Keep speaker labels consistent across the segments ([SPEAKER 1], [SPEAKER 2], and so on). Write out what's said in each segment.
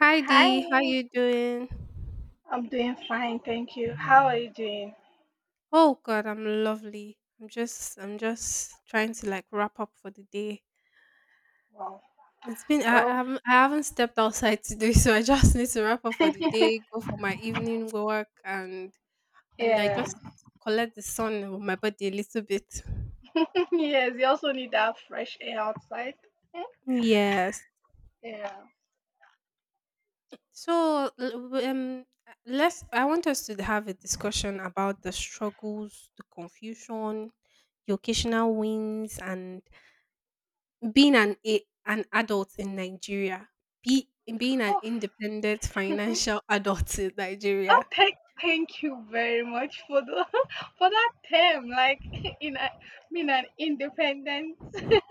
[SPEAKER 1] Hi
[SPEAKER 2] Hi,
[SPEAKER 1] Dee, how you doing?
[SPEAKER 2] I'm doing fine, thank you. How are you doing?
[SPEAKER 1] Oh God, I'm lovely. I'm just trying to like wrap up for the day.
[SPEAKER 2] Wow.
[SPEAKER 1] It's been I
[SPEAKER 2] Oh,
[SPEAKER 1] haven't stepped outside today, so I just need to wrap up for the day, go for my evening work, and like
[SPEAKER 2] yeah.
[SPEAKER 1] just collect the sun on my body a little bit.
[SPEAKER 2] Yes, you also need that fresh air outside. Mm,
[SPEAKER 1] Yes.
[SPEAKER 2] yeah.
[SPEAKER 1] So l- w- let's. I want us to have a discussion about the struggles, the confusion, the occasional wins, and being an adult in Nigeria, be being an
[SPEAKER 2] Oh,
[SPEAKER 1] independent financial adult in Nigeria.
[SPEAKER 2] thank you very much for the for that term, like in a, being an independent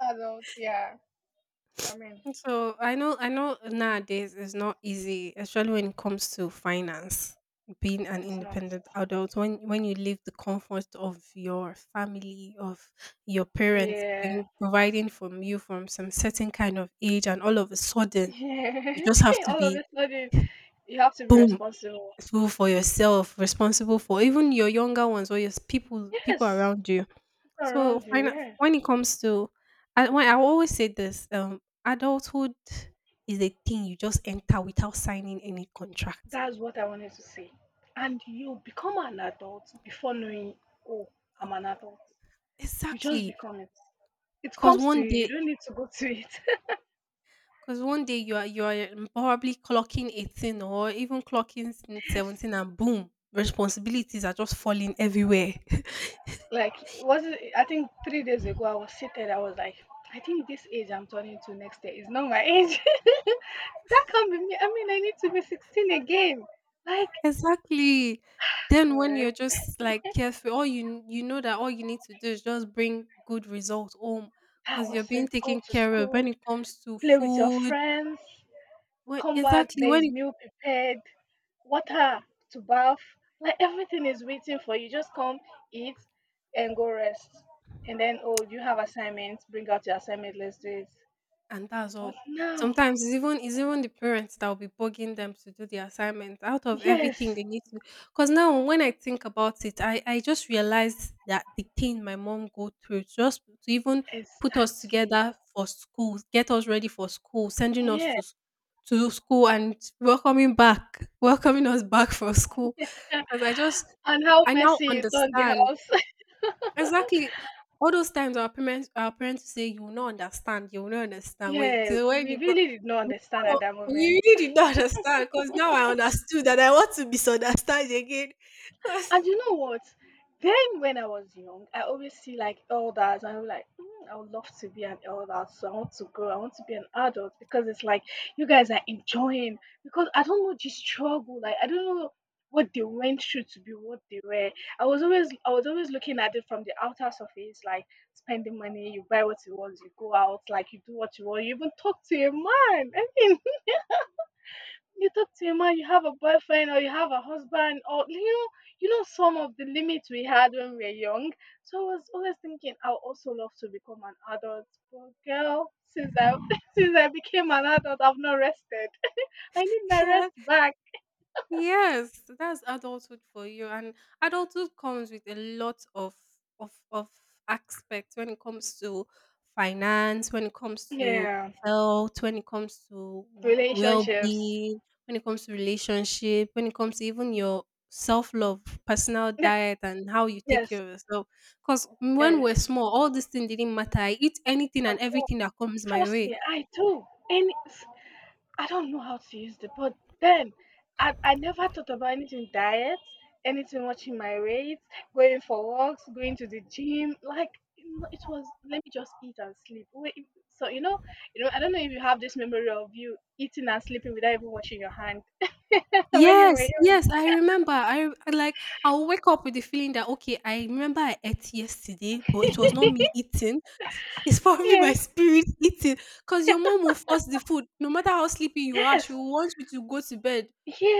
[SPEAKER 2] adult. Yeah. I mean,
[SPEAKER 1] So I know nowadays it's not easy, especially when it comes to finance. Being an
[SPEAKER 2] it's not.
[SPEAKER 1] independent adult, when you leave the comfort of your family, of your parents, being
[SPEAKER 2] Yeah.
[SPEAKER 1] providing from you from some certain kind of age, and all of a sudden you
[SPEAKER 2] Yeah.
[SPEAKER 1] just have to
[SPEAKER 2] All of
[SPEAKER 1] be
[SPEAKER 2] a sudden, you have to be
[SPEAKER 1] boom
[SPEAKER 2] responsible.
[SPEAKER 1] responsible for yourself, responsible for even your younger ones or your people
[SPEAKER 2] Yes.
[SPEAKER 1] around you.
[SPEAKER 2] People
[SPEAKER 1] So
[SPEAKER 2] around you, yeah.
[SPEAKER 1] when it comes to, I when I always say this, adulthood is a thing you just enter without signing any contract.
[SPEAKER 2] That's what I wanted to say. And you become an adult before knowing, oh, I'm an adult. You just
[SPEAKER 1] Exactly,
[SPEAKER 2] become it. It
[SPEAKER 1] because
[SPEAKER 2] comes to
[SPEAKER 1] one
[SPEAKER 2] you. You
[SPEAKER 1] day,
[SPEAKER 2] don't need to go to it.
[SPEAKER 1] because one day you are probably clocking 18 or even clocking
[SPEAKER 2] Yes.
[SPEAKER 1] 17, and boom, responsibilities are just falling everywhere.
[SPEAKER 2] Like it was I think 3 days ago I was seated, I was like, I think this age I'm turning to next year is not my age. That can't be me. I mean I need to be 16 again. Like
[SPEAKER 1] Exactly. Then when
[SPEAKER 2] God,
[SPEAKER 1] you're just like careful, all you you know that all you need to do is just bring good results home
[SPEAKER 2] I
[SPEAKER 1] because
[SPEAKER 2] was
[SPEAKER 1] you're being
[SPEAKER 2] said go
[SPEAKER 1] taken
[SPEAKER 2] to
[SPEAKER 1] care of when
[SPEAKER 2] school,
[SPEAKER 1] it comes to
[SPEAKER 2] play with your
[SPEAKER 1] food.
[SPEAKER 2] friends,
[SPEAKER 1] What
[SPEAKER 2] come back,
[SPEAKER 1] exactly
[SPEAKER 2] there is
[SPEAKER 1] when
[SPEAKER 2] meal prepared, water to bath, like everything is waiting for you. Just come, eat, and go rest. And then, oh, you have assignments, bring out your assignment, let's do it.
[SPEAKER 1] And that's
[SPEAKER 2] But
[SPEAKER 1] all.
[SPEAKER 2] now,
[SPEAKER 1] Sometimes it's even the parents that will be bugging them to do the assignment out of everything
[SPEAKER 2] yes,
[SPEAKER 1] they need to. Because now when I think about it, I just realized that the thing my mom go through just to even put us
[SPEAKER 2] exactly.
[SPEAKER 1] together for school, get us ready for school, sending us
[SPEAKER 2] Yeah.
[SPEAKER 1] to to school and welcoming back, welcoming us back for school. Because I just
[SPEAKER 2] And how
[SPEAKER 1] I now
[SPEAKER 2] messy you turned the
[SPEAKER 1] understand.
[SPEAKER 2] house.
[SPEAKER 1] Exactly. All those times our parents say you will not understand, you will not understand. Wait
[SPEAKER 2] Yeah,
[SPEAKER 1] till when
[SPEAKER 2] we
[SPEAKER 1] you grow,
[SPEAKER 2] really did not understand
[SPEAKER 1] no,
[SPEAKER 2] at that
[SPEAKER 1] you
[SPEAKER 2] moment.
[SPEAKER 1] really did not understand because now I understood that I want to misunderstand again. Because
[SPEAKER 2] And you know what? Then when I was young, I always see like elders, and I'm like, "Mm, I would love to be an elder. So I want to grow. I want to be an adult because it's like you guys are enjoying. Because I don't know the struggle. Like I don't know what they went through to be what they were. I was always looking at it from the outer surface, like spending money, you buy what you want, you go out, like you do what you want, you even talk to your man. I mean, you talk to your man, you have a boyfriend or you have a husband, or you know some of the limits we had when we were young. So I was always thinking I would also love to become an adult. But girl, since I since I became an adult, I've not rested. I need my rest back.
[SPEAKER 1] yes, that's adulthood for you. And adulthood comes with a lot of aspects when it comes to finance, when it comes to
[SPEAKER 2] Yeah.
[SPEAKER 1] health, when it comes to
[SPEAKER 2] Relationships.
[SPEAKER 1] well-being, when it comes to relationship, when it comes to even your self-love, personal diet and how you take
[SPEAKER 2] Yes,
[SPEAKER 1] care of yourself. Because when
[SPEAKER 2] yes.
[SPEAKER 1] we're small, all these things didn't matter. I eat anything and
[SPEAKER 2] At all.
[SPEAKER 1] everything that comes my
[SPEAKER 2] Trust
[SPEAKER 1] way.
[SPEAKER 2] me, I do. And I don't know how to use the but then I never thought about anything diet, anything watching my weights, going for walks, going to the gym. Like you know, it was let me just eat and sleep. Wait, so I don't know if you have this memory of you eating and sleeping without even washing your hand when you were
[SPEAKER 1] Yes,
[SPEAKER 2] young.
[SPEAKER 1] yes, I remember. I'll wake up with the feeling that okay, I remember I ate yesterday, but it was not me eating. It's probably my
[SPEAKER 2] Yes.
[SPEAKER 1] spirit eating. Cause your mom will force the food, no matter how sleepy you are, she
[SPEAKER 2] Yes.
[SPEAKER 1] will want you to go to bed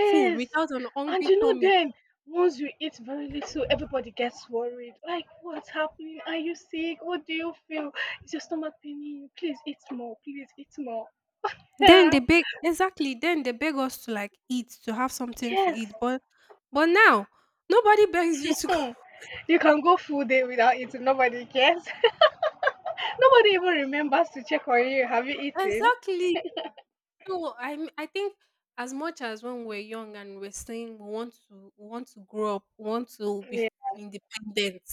[SPEAKER 1] full without an
[SPEAKER 2] And
[SPEAKER 1] hungry
[SPEAKER 2] you know
[SPEAKER 1] tummy.
[SPEAKER 2] then once you eat very little, everybody gets worried. Like, what's happening? Are you sick? What do you feel? Is your stomach paining you? Please eat more. Please eat more.
[SPEAKER 1] Then
[SPEAKER 2] Yeah.
[SPEAKER 1] they beg exactly. Then they beg us to like eat to have something to
[SPEAKER 2] Yes.
[SPEAKER 1] eat. But now nobody begs you to go.
[SPEAKER 2] Hmm. You can go full day without eating. Nobody cares. Nobody even remembers to check on you. Have you eaten?
[SPEAKER 1] Exactly. No, I think as much as when we're young and we're saying we want to grow up, we want to be
[SPEAKER 2] Yeah.
[SPEAKER 1] independent,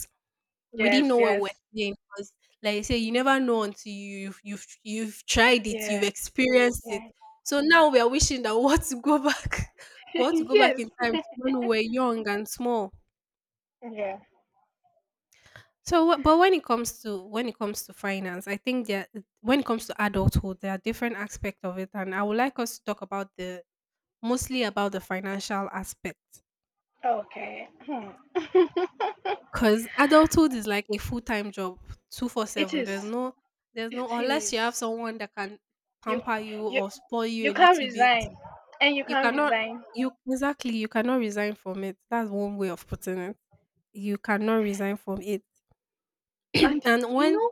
[SPEAKER 1] we didn't
[SPEAKER 2] Yes,
[SPEAKER 1] know what we're
[SPEAKER 2] yes.
[SPEAKER 1] saying because like I say, you never know until you've tried it, you've
[SPEAKER 2] Yeah.
[SPEAKER 1] experienced it.
[SPEAKER 2] Yeah.
[SPEAKER 1] So now we are wishing that we want to go back, we want to go back
[SPEAKER 2] Yes.
[SPEAKER 1] in time to when we were young and small.
[SPEAKER 2] Yeah.
[SPEAKER 1] So, but when it comes to finance, I think that when it comes to adulthood, there are different aspects of it, and I would like us to talk about the mostly about the financial aspect
[SPEAKER 2] Okay. Hmm.
[SPEAKER 1] because adulthood is like a full-time job
[SPEAKER 2] It
[SPEAKER 1] 24/7.
[SPEAKER 2] is.
[SPEAKER 1] There's no
[SPEAKER 2] It
[SPEAKER 1] Unless you
[SPEAKER 2] is.
[SPEAKER 1] have someone that can
[SPEAKER 2] you
[SPEAKER 1] pamper you
[SPEAKER 2] you
[SPEAKER 1] or spoil you
[SPEAKER 2] you
[SPEAKER 1] a
[SPEAKER 2] can't
[SPEAKER 1] little bit,
[SPEAKER 2] resign and you
[SPEAKER 1] you
[SPEAKER 2] can't
[SPEAKER 1] cannot
[SPEAKER 2] resign.
[SPEAKER 1] you exactly, you cannot resign from it. That's one way of putting it. You cannot resign from it.
[SPEAKER 2] And
[SPEAKER 1] And
[SPEAKER 2] you
[SPEAKER 1] when
[SPEAKER 2] know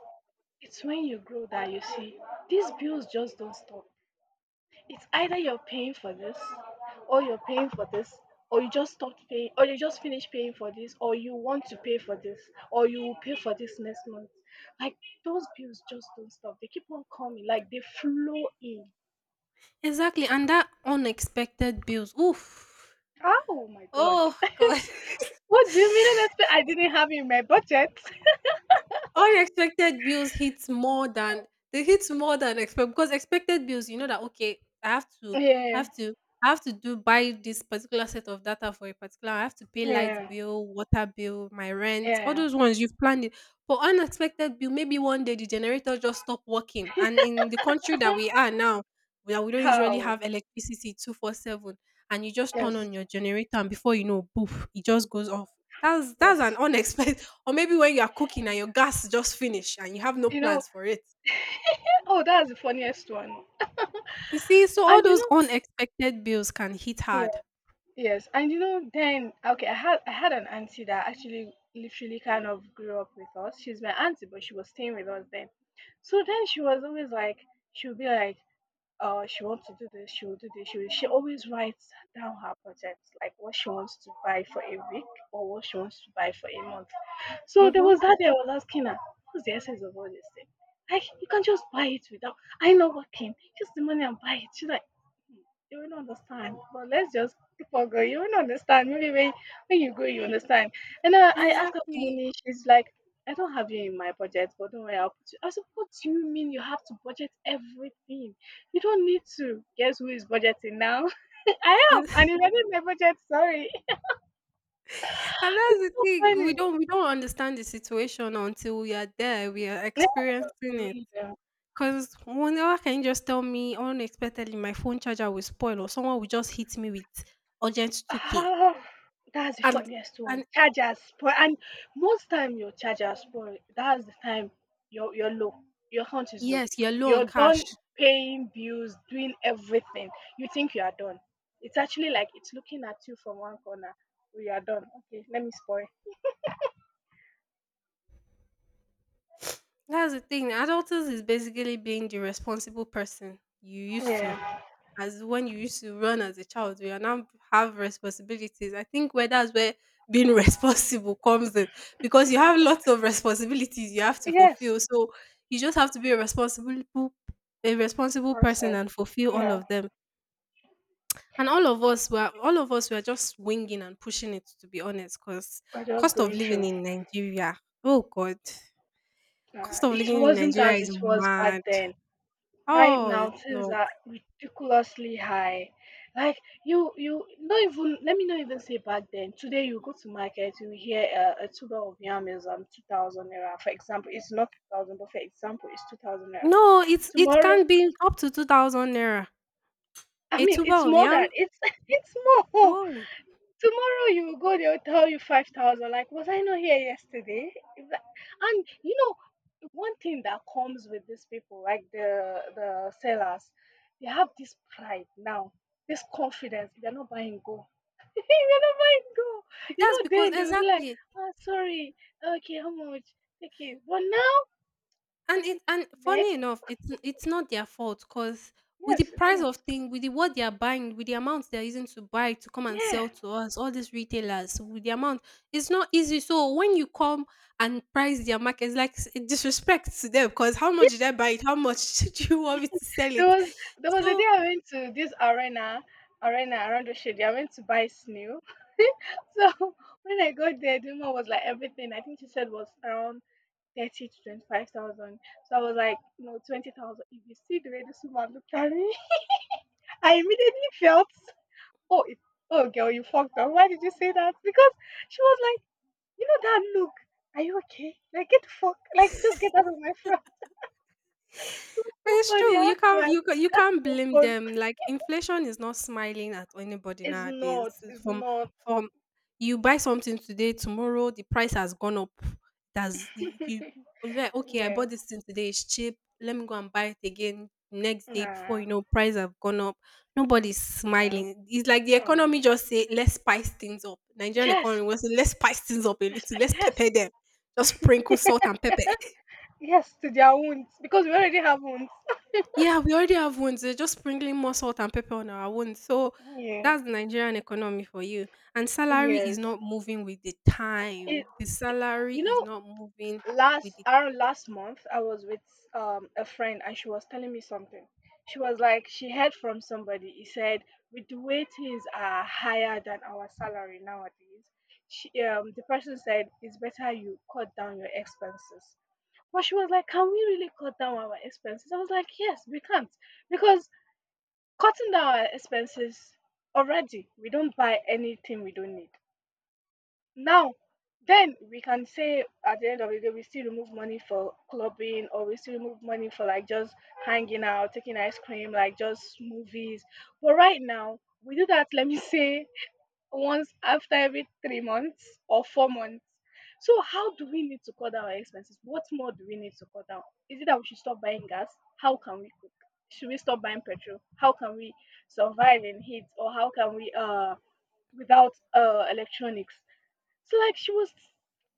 [SPEAKER 2] it's when you grow that you see these bills just don't stop. It's either you're paying for this or you're paying for this, or you just stopped paying, or you just finished paying for this, or you want to pay for this, or you will pay for this next month. Like those bills just don't stop, they keep on coming, like they flow in.
[SPEAKER 1] exactly, and that unexpected bills, oof,
[SPEAKER 2] Oh my god.
[SPEAKER 1] oh god.
[SPEAKER 2] What do you mean unexpected? I didn't have it in my budget.
[SPEAKER 1] Unexpected bills hits more than
[SPEAKER 2] Oh.
[SPEAKER 1] They hit more than expect because expected bills, you know that okay, I have to, I
[SPEAKER 2] Yeah,
[SPEAKER 1] have to, I have to do buy this particular set of data for a particular. I have to pay light
[SPEAKER 2] yeah.
[SPEAKER 1] bill, water bill, my rent, all
[SPEAKER 2] Yeah.
[SPEAKER 1] those ones you've planned it. For unexpected bill, maybe one day the generator just stop working, and in the country that we are now, that we don't usually have
[SPEAKER 2] How?
[SPEAKER 1] electricity 24/7, and you just turn
[SPEAKER 2] Yes.
[SPEAKER 1] on your generator, and before you know, poof, it just goes off. That's an
[SPEAKER 2] Yes.
[SPEAKER 1] unexpected. Or maybe when you are cooking and your gas just finished and you have no
[SPEAKER 2] You know,
[SPEAKER 1] plans for it.
[SPEAKER 2] oh, that's the funniest one.
[SPEAKER 1] You see, so all
[SPEAKER 2] And you
[SPEAKER 1] those
[SPEAKER 2] know,
[SPEAKER 1] unexpected bills can hit hard.
[SPEAKER 2] yeah, yes, and you know, then okay, I had an auntie that actually literally kind of grew up with us. She's my auntie, but she was staying with us then. So then she was always like, she would be like, she wants to do this, she will do this. She, will, she always writes down her projects, like what she wants to buy for a week or what she wants to buy for a month. So there
[SPEAKER 1] Mm-hmm.
[SPEAKER 2] was that day I was asking her, what's the essence of all this thing? Like, you can't just buy it without, I know working, just the money and buy it. She's like, "Hmm, you will not understand, but let's just keep on going. You will not understand. Maybe when you go, you understand. And then I asked her for
[SPEAKER 1] Exactly.
[SPEAKER 2] money. She's like, I don't have you in my budget, but don't worry, I'll put you. I said, what do you mean you have to budget everything? You don't need to. Guess who is budgeting now? I am, and if I did my budget, sorry.
[SPEAKER 1] And that's
[SPEAKER 2] It's
[SPEAKER 1] the
[SPEAKER 2] so
[SPEAKER 1] thing. We
[SPEAKER 2] funny.
[SPEAKER 1] don't we don't understand the situation until we are there. We are
[SPEAKER 2] Yeah,
[SPEAKER 1] experiencing
[SPEAKER 2] you
[SPEAKER 1] it.
[SPEAKER 2] really don't.
[SPEAKER 1] Cause whenever can you just tell me unexpectedly my phone charger will spoil or someone will just hit me with urgent 2k.
[SPEAKER 2] Ah, that's the
[SPEAKER 1] And
[SPEAKER 2] funniest one.
[SPEAKER 1] and
[SPEAKER 2] Chargers spoil, and most time your charger spoil. That's the time you're low. Your account is low.
[SPEAKER 1] yes, you're low on
[SPEAKER 2] You're done
[SPEAKER 1] cash.
[SPEAKER 2] paying bills, doing everything. You think you are done. It's actually like it's looking at you from one corner. We are done. Okay, let me spoil.
[SPEAKER 1] That's the thing. Adulthood is basically being the responsible person you used to
[SPEAKER 2] Yeah.
[SPEAKER 1] as when you used to run as a child. You are now have responsibilities. I think where that's where being responsible comes in because you have lots of responsibilities you have to
[SPEAKER 2] Yes.
[SPEAKER 1] fulfill. So you just have to be a responsible
[SPEAKER 2] Oh,
[SPEAKER 1] person
[SPEAKER 2] sorry.
[SPEAKER 1] and fulfill all
[SPEAKER 2] Yeah.
[SPEAKER 1] of them. And all of us were just winging and pushing it, to be honest, because
[SPEAKER 2] We're just
[SPEAKER 1] cost of
[SPEAKER 2] going
[SPEAKER 1] living
[SPEAKER 2] through.
[SPEAKER 1] in Nigeria. Oh God. Cost of
[SPEAKER 2] It
[SPEAKER 1] living in
[SPEAKER 2] wasn't
[SPEAKER 1] Nigeria
[SPEAKER 2] as
[SPEAKER 1] is
[SPEAKER 2] it was back
[SPEAKER 1] mad.
[SPEAKER 2] then. Right
[SPEAKER 1] Oh,
[SPEAKER 2] now,
[SPEAKER 1] it's
[SPEAKER 2] things
[SPEAKER 1] not.
[SPEAKER 2] are ridiculously high. Like you not even let me not even say back then. Today, you go to market, you hear a tuber of yam is 2,000 naira. For example, it's not 2,000, but for example, it's 2,000 naira.
[SPEAKER 1] No, it's it
[SPEAKER 2] Tomorrow,
[SPEAKER 1] can be up to 2,000 naira.
[SPEAKER 2] I
[SPEAKER 1] A
[SPEAKER 2] mean,
[SPEAKER 1] tuber
[SPEAKER 2] it's
[SPEAKER 1] of
[SPEAKER 2] more than
[SPEAKER 1] yam?
[SPEAKER 2] it's it's more.
[SPEAKER 1] Oh,
[SPEAKER 2] Tomorrow you will go, they'll tell you 5,000, like was I not here yesterday? Is that- and you know one thing that comes with these people, like the sellers, they have this pride now, this confidence. They're not buying gold. They're not buying gold. You
[SPEAKER 1] that's
[SPEAKER 2] know
[SPEAKER 1] because
[SPEAKER 2] then they will be like,
[SPEAKER 1] exactly.
[SPEAKER 2] oh sorry, okay, how much, okay, but now I
[SPEAKER 1] And it
[SPEAKER 2] see
[SPEAKER 1] and funny
[SPEAKER 2] next.
[SPEAKER 1] enough, it's not their fault because with the
[SPEAKER 2] Yes, it's
[SPEAKER 1] price
[SPEAKER 2] not.
[SPEAKER 1] of thing, with the, what they are buying, with the amount they are using to buy to come and
[SPEAKER 2] Yeah.
[SPEAKER 1] sell to us, all these retailers, with the amount, it's not easy. So when you come and price their market, it's like disrespect to them because how much
[SPEAKER 2] Yeah.
[SPEAKER 1] did I buy it? How much do you want me to sell
[SPEAKER 2] there
[SPEAKER 1] it?
[SPEAKER 2] was there was a
[SPEAKER 1] So,
[SPEAKER 2] day I went to this arena around the shade, I went to buy snail. So when I got there, the woman was like everything. I think she said was around 30 to 25,000. So I was like, no, 20,000. If you see the way this woman looked at me, I immediately felt, oh, it, oh, girl, you fucked up. Why did you say that? Because she was like, you know that look. Are you okay? Like get the fuck, like just get out of my front. It was
[SPEAKER 1] but
[SPEAKER 2] so
[SPEAKER 1] it's
[SPEAKER 2] funny.
[SPEAKER 1] true. You
[SPEAKER 2] I had to
[SPEAKER 1] can't blame
[SPEAKER 2] compose.
[SPEAKER 1] them. Like inflation is not smiling at anybody
[SPEAKER 2] It's
[SPEAKER 1] nowadays.
[SPEAKER 2] not.
[SPEAKER 1] It's
[SPEAKER 2] It's not.
[SPEAKER 1] From you buy something today, tomorrow the price has gone up. That's you you- it's like okay, I
[SPEAKER 2] Yeah.
[SPEAKER 1] bought this thing today, it's cheap. Let me go and buy it again next day before you
[SPEAKER 2] Nah.
[SPEAKER 1] know price have gone up. Nobody's
[SPEAKER 2] No.
[SPEAKER 1] smiling. It's like the
[SPEAKER 2] Um.
[SPEAKER 1] economy just say let's spice things up. Nigerian economy
[SPEAKER 2] Yes.
[SPEAKER 1] was let's spice things up a little,
[SPEAKER 2] Respect.
[SPEAKER 1] let's
[SPEAKER 2] Yes.
[SPEAKER 1] pepper them. Just sprinkle salt and pepper.
[SPEAKER 2] Yes, to their wounds because we already have wounds.
[SPEAKER 1] Yeah, we already have wounds. They are just sprinkling more salt and pepper on our wounds. So
[SPEAKER 2] Yeah.
[SPEAKER 1] that's the Nigerian economy for you. And salary is
[SPEAKER 2] Yes.
[SPEAKER 1] not moving with the time.
[SPEAKER 2] It,
[SPEAKER 1] The salary
[SPEAKER 2] you
[SPEAKER 1] is
[SPEAKER 2] know,
[SPEAKER 1] not moving with
[SPEAKER 2] last
[SPEAKER 1] the
[SPEAKER 2] around last month, I was with a friend and she was telling me something. She was like, she heard from somebody. He said, with the way things are higher than our salary nowadays, the person said, it's better you cut down your expenses. But she was like, can we really cut down our expenses? I was like, yes, we can't because cutting down our expenses already, we don't buy anything we don't need. Now, then we can say at the end of the day, we still remove money for clubbing, or we still remove money for like just hanging out, taking ice cream, like just movies. But right now, we do that, let me say, once after every 3 months or 4 months. So how do we need to cut down our expenses? What more do we need to cut down? Is it that we should stop buying gas? How can we cook? Should we stop buying petrol? How can we survive in heat? Or how can we without electronics? So like she was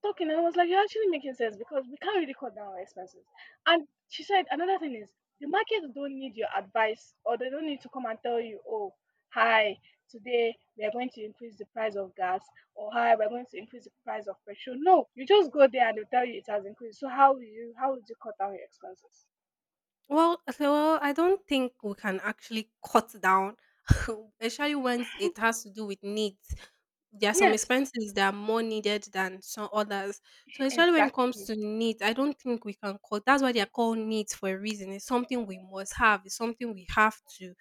[SPEAKER 2] talking and I was like, you're actually making sense because we can't really cut down our expenses. And she said another thing is the market don't need your advice, or they don't need to come and tell you, oh, hi, today we are going to increase the price of gas, or hi, we're going to increase the price of petrol. No, you just go there and they'll tell you it has increased. So how will you how would you cut down your expenses?
[SPEAKER 1] Well. Well, I don't think we can actually cut down, especially when it has to do with needs. There are some
[SPEAKER 2] Yes,
[SPEAKER 1] expenses that are more needed than some others. So especially when it comes
[SPEAKER 2] exactly.
[SPEAKER 1] to needs, I don't think we can cut. That's why they are called needs for a reason. It's something we must have. It's something we have to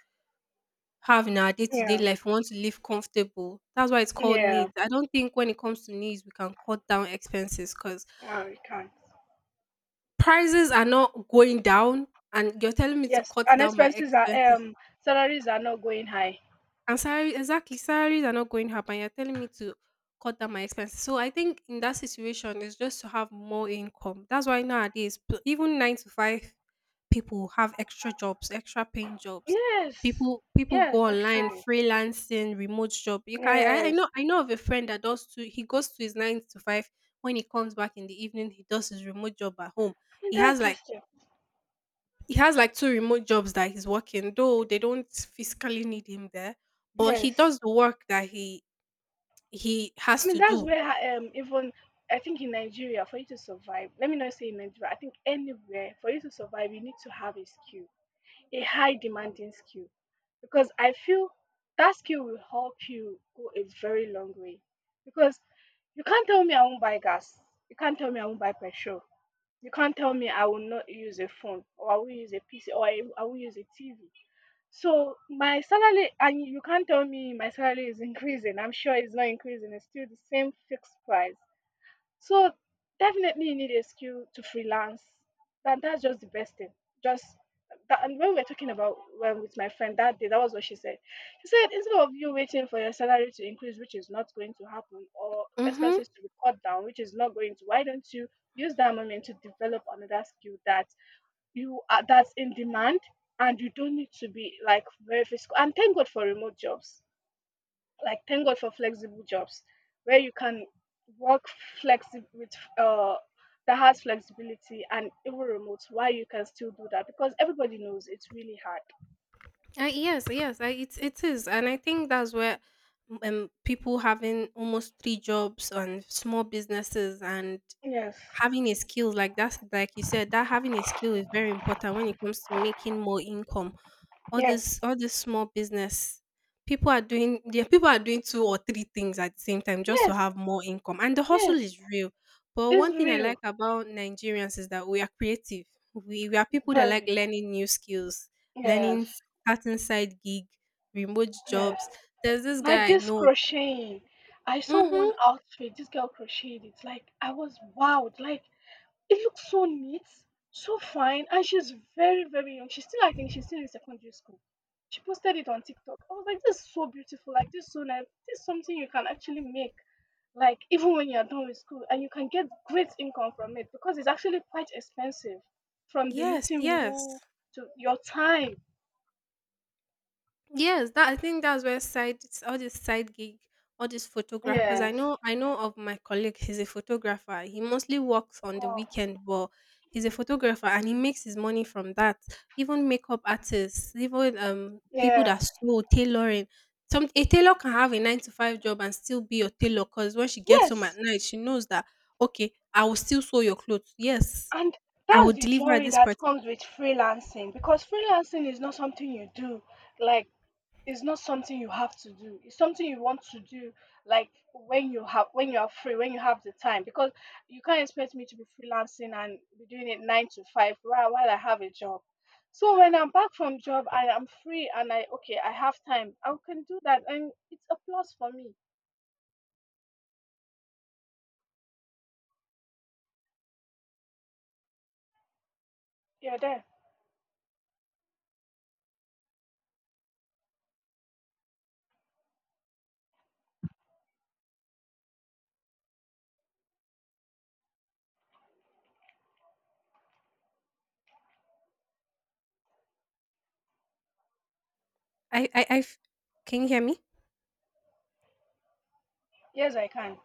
[SPEAKER 1] have in our day to day
[SPEAKER 2] Yeah.
[SPEAKER 1] life. We want to live comfortable. That's why it's called
[SPEAKER 2] Yeah.
[SPEAKER 1] needs. I don't think when it comes to needs, we can cut down expenses because
[SPEAKER 2] No, you can't.
[SPEAKER 1] prices are not going down. And you're telling me to
[SPEAKER 2] Yes,
[SPEAKER 1] cut
[SPEAKER 2] and
[SPEAKER 1] down my
[SPEAKER 2] expenses are
[SPEAKER 1] expenses.
[SPEAKER 2] salaries are not going high.
[SPEAKER 1] And salary exactly, salaries are not going up, and you're telling me to cut down my expenses. So I think in that situation, it's just to have more income. That's why nowadays, even nine to five people have extra jobs, extra paying jobs.
[SPEAKER 2] Yes,
[SPEAKER 1] People
[SPEAKER 2] yes,
[SPEAKER 1] go online
[SPEAKER 2] actually,
[SPEAKER 1] freelancing, remote job. You can I, I
[SPEAKER 2] yes.
[SPEAKER 1] know I know of a friend that does two. He goes to his nine to five. When he comes back in the evening, he does his remote job at home.
[SPEAKER 2] I mean,
[SPEAKER 1] He
[SPEAKER 2] that's
[SPEAKER 1] has like
[SPEAKER 2] just it.
[SPEAKER 1] he has like two remote jobs that he's working, though they don't physically need him there, but he
[SPEAKER 2] Yes,
[SPEAKER 1] does the work that he has
[SPEAKER 2] I mean
[SPEAKER 1] to
[SPEAKER 2] that's
[SPEAKER 1] do.
[SPEAKER 2] where I even I think in Nigeria for you to survive. Let me not say in Nigeria. I think anywhere for you to survive, you need to have a skill, a high demanding skill, because I feel that skill will help you go a very long way. Because you can't tell me I won't buy gas. You can't tell me I won't buy petrol. You can't tell me I will not use a phone or I will use a PC or I will use a TV. So my salary, and you can't tell me my salary is increasing. I'm sure it's not increasing. It's still the same fixed price. So definitely you need a skill to freelance. That's just the best thing. Just that, and when we're talking about when with my friend that day, that was what she said. She said instead of you waiting for your salary to increase, which is not going to happen, or
[SPEAKER 1] Mm-hmm.
[SPEAKER 2] expenses to be cut down, which is not going to, why don't you use that moment to develop another skill that's in demand, and you don't need to be like very physical. And thank God for remote jobs, like thank God for flexible jobs where you can work flexi with uh that, has flexibility and even remote, why you can still do that because everybody knows it's really hard.
[SPEAKER 1] Yes, yes, it it is, and I think that's where people having almost three jobs and small businesses and
[SPEAKER 2] Yes,
[SPEAKER 1] having a skill like that, like you said, that having a skill is very important when it comes to making more income. All this
[SPEAKER 2] yes,
[SPEAKER 1] all this small business people are doing, yeah, people are doing two or three things at the same time just to
[SPEAKER 2] yes,
[SPEAKER 1] have more income. And the hustle
[SPEAKER 2] yes,
[SPEAKER 1] is real. But
[SPEAKER 2] it's
[SPEAKER 1] one thing I like
[SPEAKER 2] real,
[SPEAKER 1] about Nigerians is that we are creative. We are people that like
[SPEAKER 2] very,
[SPEAKER 1] learning new skills, learning,
[SPEAKER 2] yes,
[SPEAKER 1] starting side gig, remote
[SPEAKER 2] yes.
[SPEAKER 1] jobs. There's this
[SPEAKER 2] Like
[SPEAKER 1] guy I
[SPEAKER 2] this
[SPEAKER 1] know.
[SPEAKER 2] crocheting, I saw
[SPEAKER 1] Mm-hmm.
[SPEAKER 2] one outfit this girl crocheted, it, like I was wowed, like, it looks so neat, so fine, and she's very, very young. She's still, I think, she's still in secondary school. She posted it on TikTok. I was like, this is so beautiful, like this is so nice. This is something you can actually make, like even when you're done with school, and you can get great income from it because it's actually quite expensive, from the
[SPEAKER 1] Yes,
[SPEAKER 2] knitting
[SPEAKER 1] yes.
[SPEAKER 2] wool to your time.
[SPEAKER 1] Yes, that I think that's where side, all this side gig, all this photograph. Because I
[SPEAKER 2] Yes.
[SPEAKER 1] know I know of my colleague. He's a photographer. He mostly works on the
[SPEAKER 2] Wow.
[SPEAKER 1] weekend, but he's a photographer and he makes his money from that. Even makeup artists, even people that
[SPEAKER 2] Yeah.
[SPEAKER 1] sew, tailoring. Some a tailor can have a nine to five job and still be your tailor. Because when she gets home at
[SPEAKER 2] Yes.
[SPEAKER 1] night, she knows that okay, I will still sew your clothes. Yes,
[SPEAKER 2] And
[SPEAKER 1] I will
[SPEAKER 2] that's the
[SPEAKER 1] deliver at
[SPEAKER 2] joy
[SPEAKER 1] this
[SPEAKER 2] that
[SPEAKER 1] part.
[SPEAKER 2] comes with freelancing, because freelancing is not something you do, like it's not something you have to do, it's something you want to do, like when you have, when you are free, when you have the time, because you can't expect me to be freelancing and be doing it nine to five while I have a job. So when I'm back from job, I am free and I, okay, I have time, I can do that, and it's a plus for me. You're there?
[SPEAKER 1] I I I f- can you hear me?
[SPEAKER 2] Yes, I can.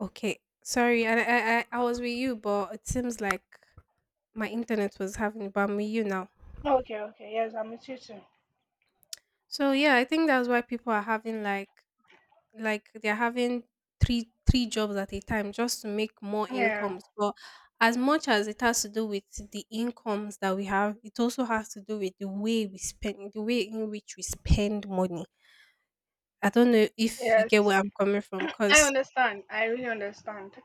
[SPEAKER 1] Okay, sorry, and I was with you, but it seems like my internet was having, but I'm with you now.
[SPEAKER 2] Okay, okay, yes, I'm with you too.
[SPEAKER 1] So yeah, I think that's why people are having like they're having three jobs at a time just to make more
[SPEAKER 2] Yeah.
[SPEAKER 1] incomes. But as much as it has to do with the incomes that we have, it also has to do with the way we spend, the way in which we spend money. I don't know if you
[SPEAKER 2] Yes,
[SPEAKER 1] get where I'm coming from,
[SPEAKER 2] i
[SPEAKER 1] because
[SPEAKER 2] understand i really understand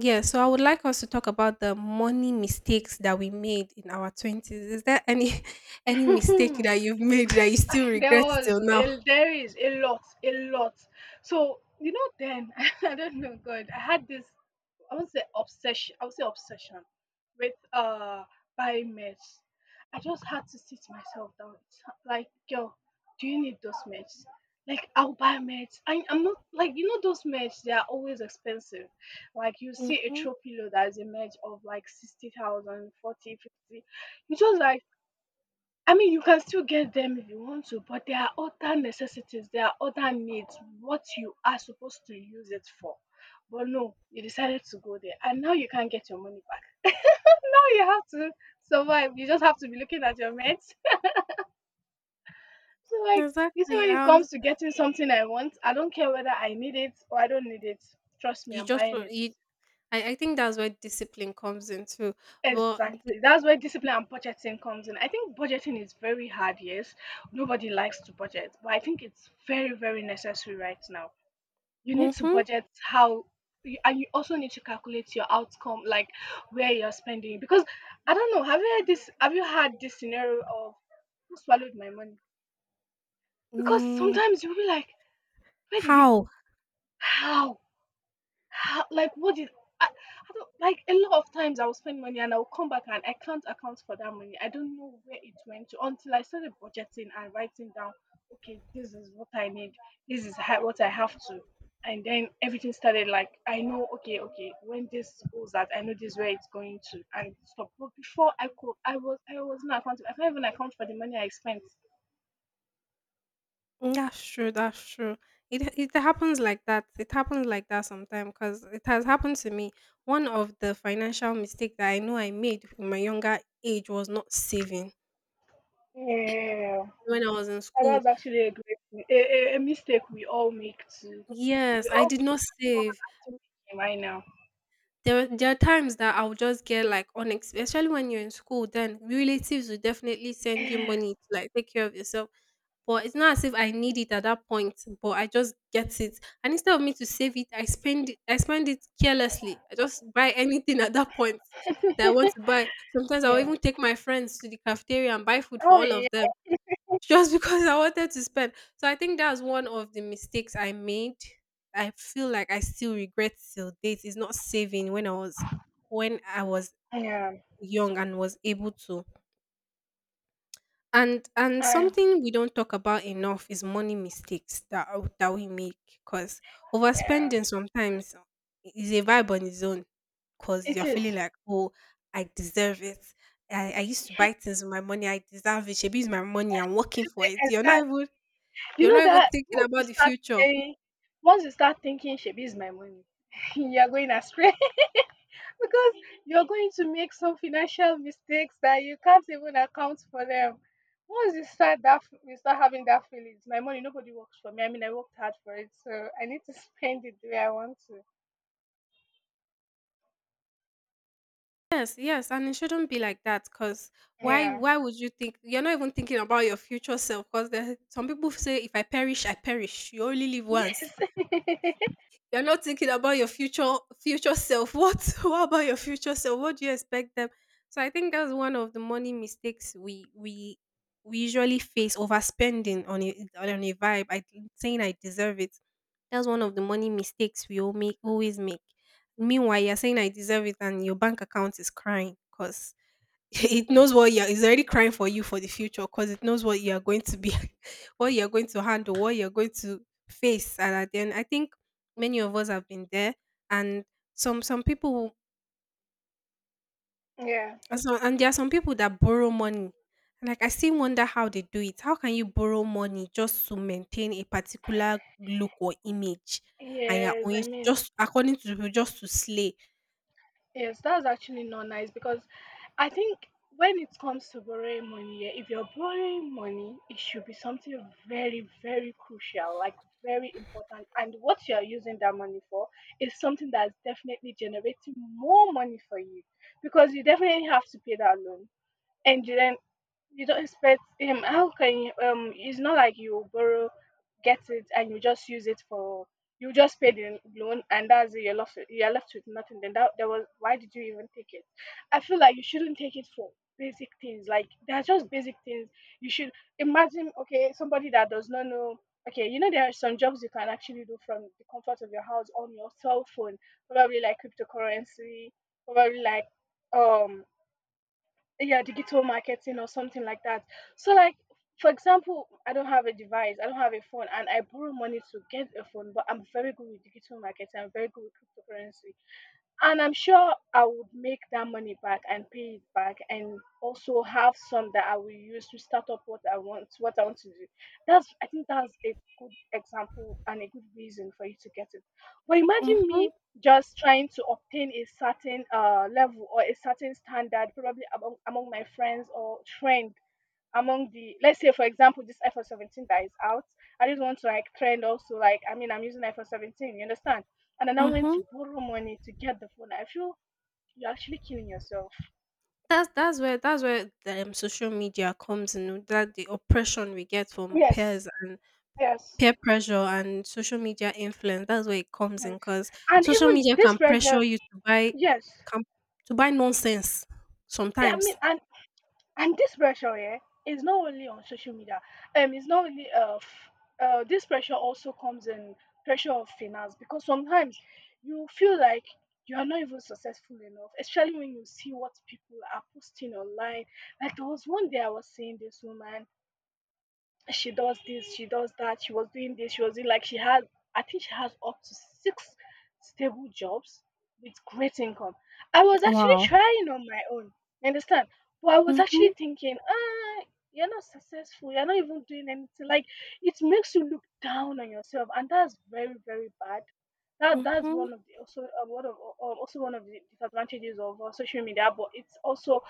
[SPEAKER 1] yeah, so I would like us to talk about the money mistakes that we made in our 20s. Is there any any mistake that you've made that you still
[SPEAKER 2] There
[SPEAKER 1] regret
[SPEAKER 2] was
[SPEAKER 1] till now?
[SPEAKER 2] a, there is a lot, a lot. So you know, then I don't know, God, I had this. I would say obsession with buying meds. I just had to sit myself down. It's like, girl, do you need those meds? Like, I'll buy meds. I'm not like, you know, those meds, they are always expensive. Like you see a
[SPEAKER 1] Hmm.
[SPEAKER 2] throw pillow that is a med of like sixty thousand forty fifty. 40, 50. You just like, I mean, you can still get them if you want to, but there are other necessities, there are other needs, what you are supposed to use it for. But no, you decided to go there, and now you can't get your money back. now you have to survive. You just have to be looking at your mates. So, like, you see,
[SPEAKER 1] Exactly.
[SPEAKER 2] when it comes to getting something I want, I don't care whether I need it or I don't need it. Trust me,
[SPEAKER 1] You
[SPEAKER 2] I'm
[SPEAKER 1] just
[SPEAKER 2] buying
[SPEAKER 1] wa-
[SPEAKER 2] it.
[SPEAKER 1] you, I think that's where discipline comes in too. But
[SPEAKER 2] Exactly. That's where discipline and budgeting comes in. I think budgeting is very hard, yes. Nobody likes to budget, but I think it's very, very necessary right now. You need to
[SPEAKER 1] mm-hmm,
[SPEAKER 2] budget and you also need to calculate your outcome, like where you're spending. Because I don't know, have you had this scenario of who swallowed my money? Because
[SPEAKER 1] mm,
[SPEAKER 2] sometimes you'll be like, where did it
[SPEAKER 1] how?
[SPEAKER 2] go? How? How, like, what did I don't, like, a lot of times I will spend money and I will come back and I can't account for that money. I don't know where it went to until I started budgeting and writing down, "Okay, this is what I need. This is ha what I have to." And then everything started, like, I know, okay, okay, when this goes out, I know this is where it's going to and stuff. But before I could, I was not accountable. I can't even account for the money I spent.
[SPEAKER 1] Mm, that's true. That's true. It happens like that. It happens like that sometimes because it has happened to me. One of the financial mistake that I know I made in my younger age was not saving,
[SPEAKER 2] Yeah.
[SPEAKER 1] when I was in
[SPEAKER 2] And that's
[SPEAKER 1] school.
[SPEAKER 2] actually a great a mistake we all make too.
[SPEAKER 1] Yes,
[SPEAKER 2] We
[SPEAKER 1] I
[SPEAKER 2] all,
[SPEAKER 1] did not
[SPEAKER 2] I think all of
[SPEAKER 1] save.
[SPEAKER 2] us still making right now.
[SPEAKER 1] There are times that I'll just get like unex especially when you're in school, then relatives will definitely send you money to like take care of yourself. But it's not as if I need it at that point, but I just get it. And instead of me to save it, I spend it carelessly. I just buy anything at that point that I want to buy. Sometimes I'll
[SPEAKER 2] Yeah.
[SPEAKER 1] even take my friends to the cafeteria and buy food for
[SPEAKER 2] Oh
[SPEAKER 1] all of
[SPEAKER 2] yeah.
[SPEAKER 1] them, just because I wanted to spend. So I think that's one of the mistakes I made. I feel like I still regret till date is not saving when I was
[SPEAKER 2] Yeah.
[SPEAKER 1] young and was able to. And
[SPEAKER 2] I,
[SPEAKER 1] something we don't talk about enough is money mistakes that that we make, because
[SPEAKER 2] yeah.
[SPEAKER 1] overspending sometimes is a vibe on its own, because
[SPEAKER 2] It
[SPEAKER 1] you're
[SPEAKER 2] is. It's
[SPEAKER 1] feeling
[SPEAKER 2] just
[SPEAKER 1] like, oh, I deserve it. I used to buy things with my money. I deserve it. Maybe it's my money. I'm working for
[SPEAKER 2] the
[SPEAKER 1] it. You're not
[SPEAKER 2] exact.
[SPEAKER 1] even,
[SPEAKER 2] You
[SPEAKER 1] you're
[SPEAKER 2] know
[SPEAKER 1] not even
[SPEAKER 2] that
[SPEAKER 1] thinking
[SPEAKER 2] once you
[SPEAKER 1] about the
[SPEAKER 2] start
[SPEAKER 1] future.
[SPEAKER 2] saying, once you start thinking, "Shebi is my money," you are going astray, because you're going to make some financial mistakes that you can't even account for them. Once you start that, you start having that feeling. It's my money. Nobody works for me. I mean, I worked hard for it, so I need to spend it the way I want to.
[SPEAKER 1] Yes, yes, and it shouldn't be like that because why
[SPEAKER 2] Yeah.
[SPEAKER 1] why would you think? You're not even thinking about your future self. Because there some people say if I perish, I perish. You only live once.
[SPEAKER 2] Yes.
[SPEAKER 1] You're not thinking about your future self. What about your future self? What do you expect them? So I think that's one of the money mistakes we usually face, overspending on a vibe, I saying I deserve it. That's one of the money mistakes we all make, always make. Meanwhile, you're saying I deserve it, and your bank account is crying because it knows what you're. It's already crying for you for the future because it knows what you are going to be, what you are going to handle, what you are going to face. And at the end, I think many of us have been there, and some people,
[SPEAKER 2] yeah.
[SPEAKER 1] and so, and there are some people that borrow money. And like I still wonder how they do it. How can you borrow money just to maintain a particular look or image, and you're
[SPEAKER 2] Yes. I
[SPEAKER 1] owing
[SPEAKER 2] mean,
[SPEAKER 1] just according to people just to slay?
[SPEAKER 2] yes, that's actually not nice because I think when it comes to borrowing money, yeah, if you're borrowing money, it should be something very, very crucial, like very important. And what you're using that money for is something that's definitely generating more money for you, because you definitely have to pay that loan, and then you don't expect him. How can you? It's not like you borrow, get it, and you just use it for. You just pay the loan, and that's it. You're left with nothing. Then that was, why did you even take it? I feel like you shouldn't take it for basic things. Like they're just basic things. You should imagine. Okay, somebody that does not know. Okay, you know there are some jobs you can actually do from the comfort of your house on your cell phone. Probably like cryptocurrency. Probably like um yeah, digital marketing or something like that. So like, for example, I don't have a device, I don't have a phone, and I borrow money to get a phone, but I'm very good with digital marketing, I'm very good with cryptocurrency, and I'm sure I would make that money back and pay it back and also have some that I will use to start up what I want to do. That's, I think that's a good example and a good reason for you to get it. But imagine
[SPEAKER 1] Mm-hmm,
[SPEAKER 2] me just trying to obtain a certain level or a certain standard, probably among my friends or trend among, the let's say for example this iPhone 17 that is out. I just want to like trend also, like, I mean, I'm using iPhone 17, you understand, and I now went
[SPEAKER 1] mm-hmm.
[SPEAKER 2] to borrow money to get the phone, I feel you're actually killing yourself.
[SPEAKER 1] That's where the social media comes in. That the oppression we get from
[SPEAKER 2] Yes,
[SPEAKER 1] peers and
[SPEAKER 2] yes,
[SPEAKER 1] peer pressure and social media influence, that's where it comes in.
[SPEAKER 2] yes.
[SPEAKER 1] Cause
[SPEAKER 2] And
[SPEAKER 1] social
[SPEAKER 2] even
[SPEAKER 1] media
[SPEAKER 2] this
[SPEAKER 1] can
[SPEAKER 2] pressure,
[SPEAKER 1] pressure you to buy,
[SPEAKER 2] yes,
[SPEAKER 1] can to buy nonsense
[SPEAKER 2] I mean,
[SPEAKER 1] sometimes.
[SPEAKER 2] and this pressure here is not only on social media. It's not only this pressure, also comes in, pressure of finance, because sometimes you feel like you are not even successful enough, especially when you see what people are posting online. Like there was one day I was seeing this woman, she does this, she does that, she was doing this, she was doing like she has I think she has up to six stable jobs with great income. I was actually
[SPEAKER 1] Wow.
[SPEAKER 2] trying on my own, you understand? But I was actually
[SPEAKER 1] Mhm,
[SPEAKER 2] thinking, ah, you're not successful, you're not even doing anything. Like it makes you look down on yourself, and that's very, very bad. That's
[SPEAKER 1] mhm.
[SPEAKER 2] one of the also one of also one of the disadvantages of social media, but it's also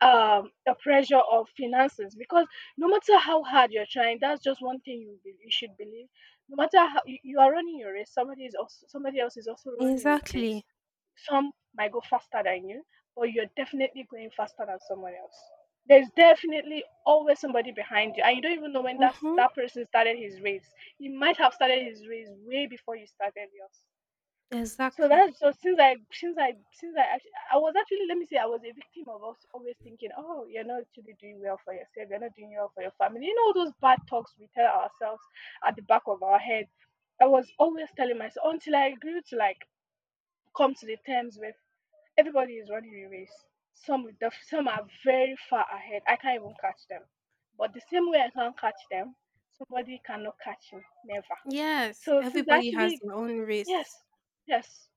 [SPEAKER 2] the pressure of finances because no matter how hard you're trying, that's just one thing you you should believe. No matter how you are running your race, somebody is also, somebody else is also running his race.
[SPEAKER 1] Exactly.
[SPEAKER 2] Some might go faster than you, but you're definitely going faster than someone else. There's definitely always somebody behind you and you don't even know when that
[SPEAKER 1] Mhm,
[SPEAKER 2] that person started his race. He might have started his race way before you started yours. so
[SPEAKER 1] exactly.
[SPEAKER 2] that's so since I was actually, let me say I was a victim of us always thinking, oh, you're not actually doing well for yourself, you're not doing well for your family, you know, all those bad talks we tell ourselves at the back of our head. I was always telling myself until I grew to, like, come to the terms with everybody is running a race. Some are very far ahead, I can't even catch them, but the same way I can't catch them, somebody cannot catch me, never.
[SPEAKER 1] Yes,
[SPEAKER 2] So since
[SPEAKER 1] everybody has
[SPEAKER 2] actually,
[SPEAKER 1] their own
[SPEAKER 2] yes,
[SPEAKER 1] race.
[SPEAKER 2] yes,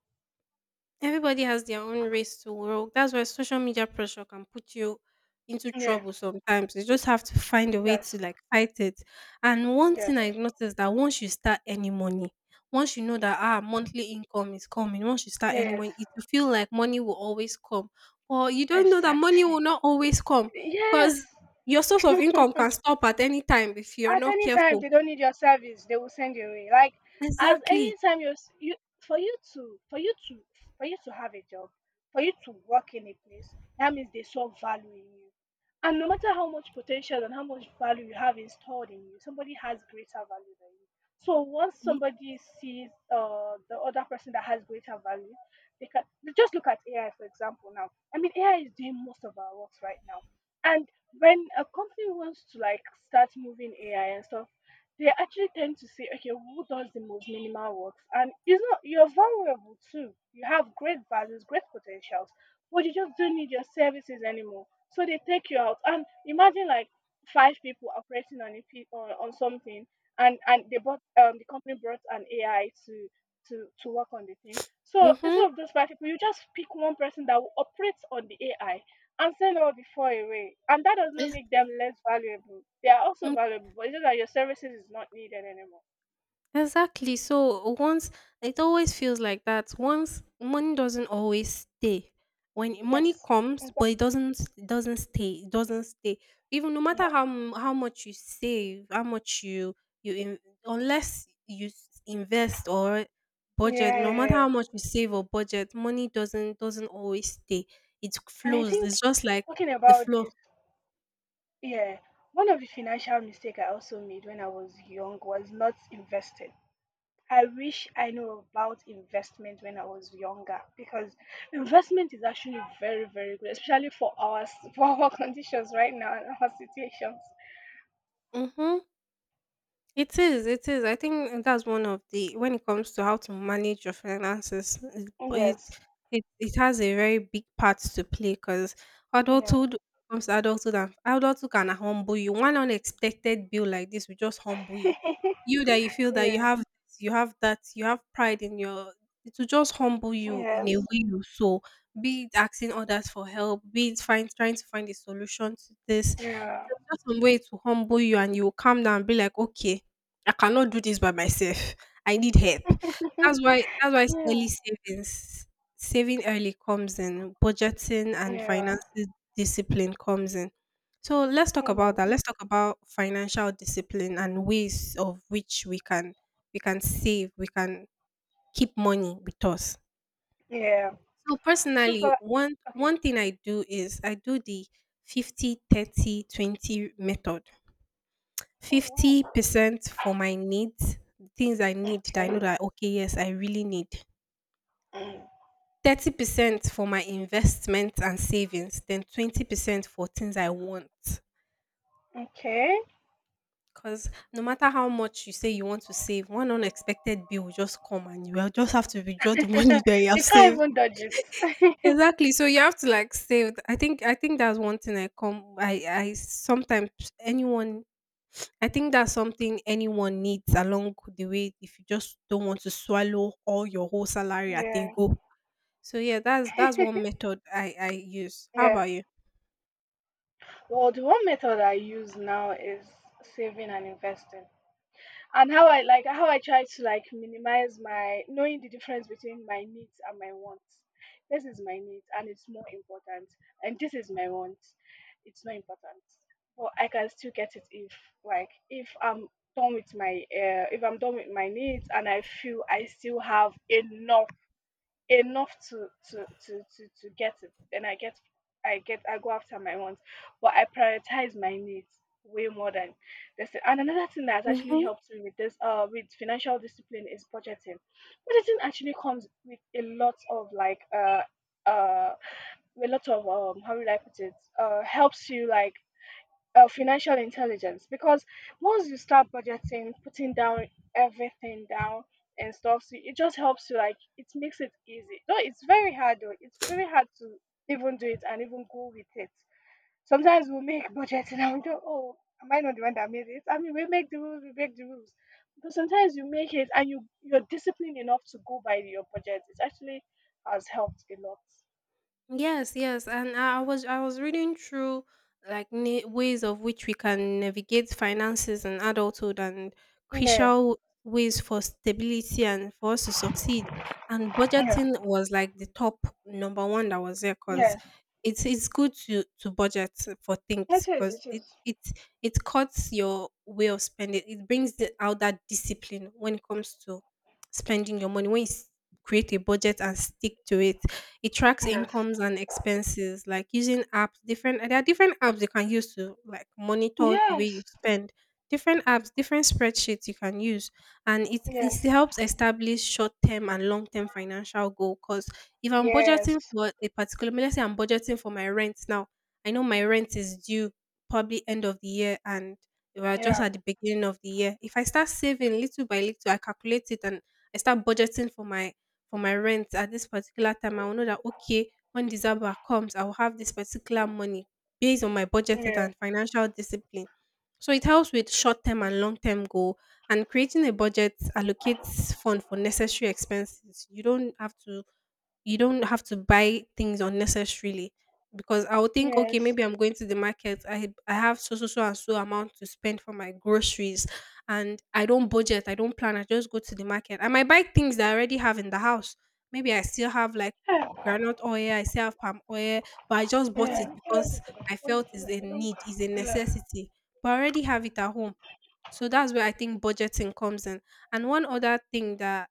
[SPEAKER 1] Everybody has their own race to walk. That's why social media pressure can put you into
[SPEAKER 2] yeah,
[SPEAKER 1] trouble sometimes. You just have to find a way
[SPEAKER 2] yes.
[SPEAKER 1] to like fight it. And one thing
[SPEAKER 2] Yes.
[SPEAKER 1] I noticed that once you start earning money, once you know that ah monthly income is coming, once you start earning
[SPEAKER 2] Yes.
[SPEAKER 1] money, it will feel like money will always come. Or you don't know that money will
[SPEAKER 2] Exactly.
[SPEAKER 1] not always come,
[SPEAKER 2] Yes.
[SPEAKER 1] because your source of income can stop at any time if you're
[SPEAKER 2] At
[SPEAKER 1] not
[SPEAKER 2] any time
[SPEAKER 1] careful.
[SPEAKER 2] they don't need your service, they will send you away. Like, as
[SPEAKER 1] Exactly.
[SPEAKER 2] anytime you for you to have a job, for you to work in a place, that means they saw value in you. And no matter how much potential and how much value you have installed in you, somebody has greater value than you. So once somebody sees the other person that has greater value, they can just look at AI for example now. I mean, AI is doing most of our works right now. And when a company wants to, like, start moving AI and stuff, they actually tend to say, okay, who does the most minimal works? And it's not, you're valuable too. You have great values, great potentials, but you just don't need your services anymore. So they take you out. And imagine, like, five people operating on a on something, and they bought, the company brought an AI to to work on the thing. So
[SPEAKER 1] Mm-hmm.
[SPEAKER 2] instead of those five people, you just pick one person that will operate on the AI and sell all before away. And that does not make them less valuable. They are also valuable, but it's just that your services is not needed anymore.
[SPEAKER 1] Exactly. So once it always feels like that. Once money doesn't always stay. When money
[SPEAKER 2] Yes.
[SPEAKER 1] comes,
[SPEAKER 2] Exactly.
[SPEAKER 1] but it doesn't stay. It doesn't stay. Even no matter how how much you save, how much you you in, unless you invest or
[SPEAKER 2] Yeah.
[SPEAKER 1] budget, no matter how
[SPEAKER 2] Yeah.
[SPEAKER 1] much you save or budget, money doesn't always stay. It
[SPEAKER 2] And I
[SPEAKER 1] flows.
[SPEAKER 2] think,
[SPEAKER 1] It's just like
[SPEAKER 2] talking
[SPEAKER 1] the
[SPEAKER 2] about
[SPEAKER 1] flow.
[SPEAKER 2] this, yeah, one of the financial mistake I also made when I was young was not investing. I wish I knew about investment when I was younger because investment is actually very, very good, especially for our s- for our conditions right now and our situations.
[SPEAKER 1] Mm-hmm. It is, it is. I think that's one of the, when it comes to how to manage your finances, it it
[SPEAKER 2] Yes.
[SPEAKER 1] it, it has a very big part to play because
[SPEAKER 2] Yeah.
[SPEAKER 1] adulthood, comes to adulthood, and adulthood can humble you. One unexpected bill like this will just humble you. You that you feel that you
[SPEAKER 2] Yeah.
[SPEAKER 1] have this, you have that, you have pride in your, it will just humble you in a way
[SPEAKER 2] Yes.
[SPEAKER 1] you so, be it asking others for help, be it find trying to find a solution to this.
[SPEAKER 2] Yeah.
[SPEAKER 1] There's just some way to humble you and you will calm down and be like, okay, I cannot do this by myself. I need help.
[SPEAKER 2] Mhm.
[SPEAKER 1] That's why
[SPEAKER 2] Yeah.
[SPEAKER 1] early savings, saving early comes in, budgeting and
[SPEAKER 2] Yeah.
[SPEAKER 1] finances discipline comes in. So let's talk about that.
[SPEAKER 2] Yes.
[SPEAKER 1] Let's talk about financial discipline and ways of which we can save, we can keep money with us.
[SPEAKER 2] Yeah.
[SPEAKER 1] So
[SPEAKER 2] So
[SPEAKER 1] personally,
[SPEAKER 2] for like,
[SPEAKER 1] one
[SPEAKER 2] okay.
[SPEAKER 1] one thing I do is I do the 50/30/20 method.
[SPEAKER 2] Oh, wow.
[SPEAKER 1] 50% for my needs, things I need that I
[SPEAKER 2] Okay.
[SPEAKER 1] know that okay, yes, I really need.
[SPEAKER 2] Mm.
[SPEAKER 1] 30% for my investments and savings, then 20% for things I want.
[SPEAKER 2] Okay.
[SPEAKER 1] Because no matter how much you say you want to save, one unexpected bill will just come and you will just have to withdraw the money that you have
[SPEAKER 2] You can't
[SPEAKER 1] saved.
[SPEAKER 2] even dodge it.
[SPEAKER 1] Exactly. So you have to like save. I think that's one thing I come I sometimes anyone I think that's something anyone needs along the way if you just don't want to swallow all your whole salary at a
[SPEAKER 2] Yeah.
[SPEAKER 1] go. So yeah, that's one method I use. How
[SPEAKER 2] Yeah.
[SPEAKER 1] about you?
[SPEAKER 2] Well, the one method I use now is saving and investing. And how I, like, how I try to, like, minimize my knowing the difference between my needs and my wants. This is my need and it's more important, and this is my want. It's not important, but I can still get it if, like, if I'm done with my if I'm done with my needs and I feel I still have enough, to get it. Then I go after my wants, but I prioritize my needs way more than this. And another thing that has actually
[SPEAKER 1] Mhm.
[SPEAKER 2] helped me with this with financial discipline is budgeting. Budgeting actually comes with a lot of like uh a lot of how would I put it, helps you, like, financial intelligence because once you start budgeting, putting down everything down and stuff, so it just helps you. Like, it makes it easy. No, it's very hard, though. It's very hard to even do it and even go with it. Sometimes we make budgeting and we go, oh, am I not the one that made it? I mean, we make the rules, we make the rules. But sometimes you make it and you're disciplined enough to go by your budget. It actually has helped a lot.
[SPEAKER 1] Yes, yes, and I was I was reading through like ways of which we can navigate finances and adulthood and
[SPEAKER 2] Yeah,
[SPEAKER 1] crucial ways for stability and for us to succeed. And
[SPEAKER 2] yeah,
[SPEAKER 1] budgeting was like the top number one that was there because
[SPEAKER 2] yeah.
[SPEAKER 1] it's good to budget for things
[SPEAKER 2] It is.
[SPEAKER 1] because
[SPEAKER 2] It
[SPEAKER 1] it
[SPEAKER 2] is.
[SPEAKER 1] it it cuts your way of spending. It brings the, out that discipline when it comes to spending your money when you create a budget and stick to it, it tracks
[SPEAKER 2] Yes.
[SPEAKER 1] incomes and expenses, like using apps. Different There are different apps you can use to like monitor the way you
[SPEAKER 2] Yes.
[SPEAKER 1] spend. Different apps, different spreadsheets you can use, and it
[SPEAKER 2] Yes.
[SPEAKER 1] helps establish short term and long term financial goal. Cause if I'm
[SPEAKER 2] Yes.
[SPEAKER 1] budgeting for a particular, let's say I'm budgeting for my rent now. I know my rent is due probably end of the year and we are just
[SPEAKER 2] Yeah.
[SPEAKER 1] at the beginning of the year. If I start saving little by little, I calculate it and I start budgeting for my, for my rent at this particular time, I will know that okay, when December comes, I will have this particular money based on my budgeted
[SPEAKER 2] Yeah.
[SPEAKER 1] and financial discipline. So it helps with short term and long term goal, and creating a budget allocates fund for necessary expenses. You don't have to, you don't have to buy things unnecessarily, because I would think, okay,
[SPEAKER 2] Yes.
[SPEAKER 1] maybe I'm going to the market. I have so so so and so amount to spend for my groceries, and I don't budget. I don't plan. I just go to the market. I might buy things that I already have in the house. Maybe I still have like
[SPEAKER 2] Yeah.
[SPEAKER 1] granite oil. I still have palm oil, but I just bought it
[SPEAKER 2] Yeah.
[SPEAKER 1] because
[SPEAKER 2] Yeah.
[SPEAKER 1] I felt is a need, is a necessity. But I already have it at home. So that's where I think budgeting comes in. And one other thing that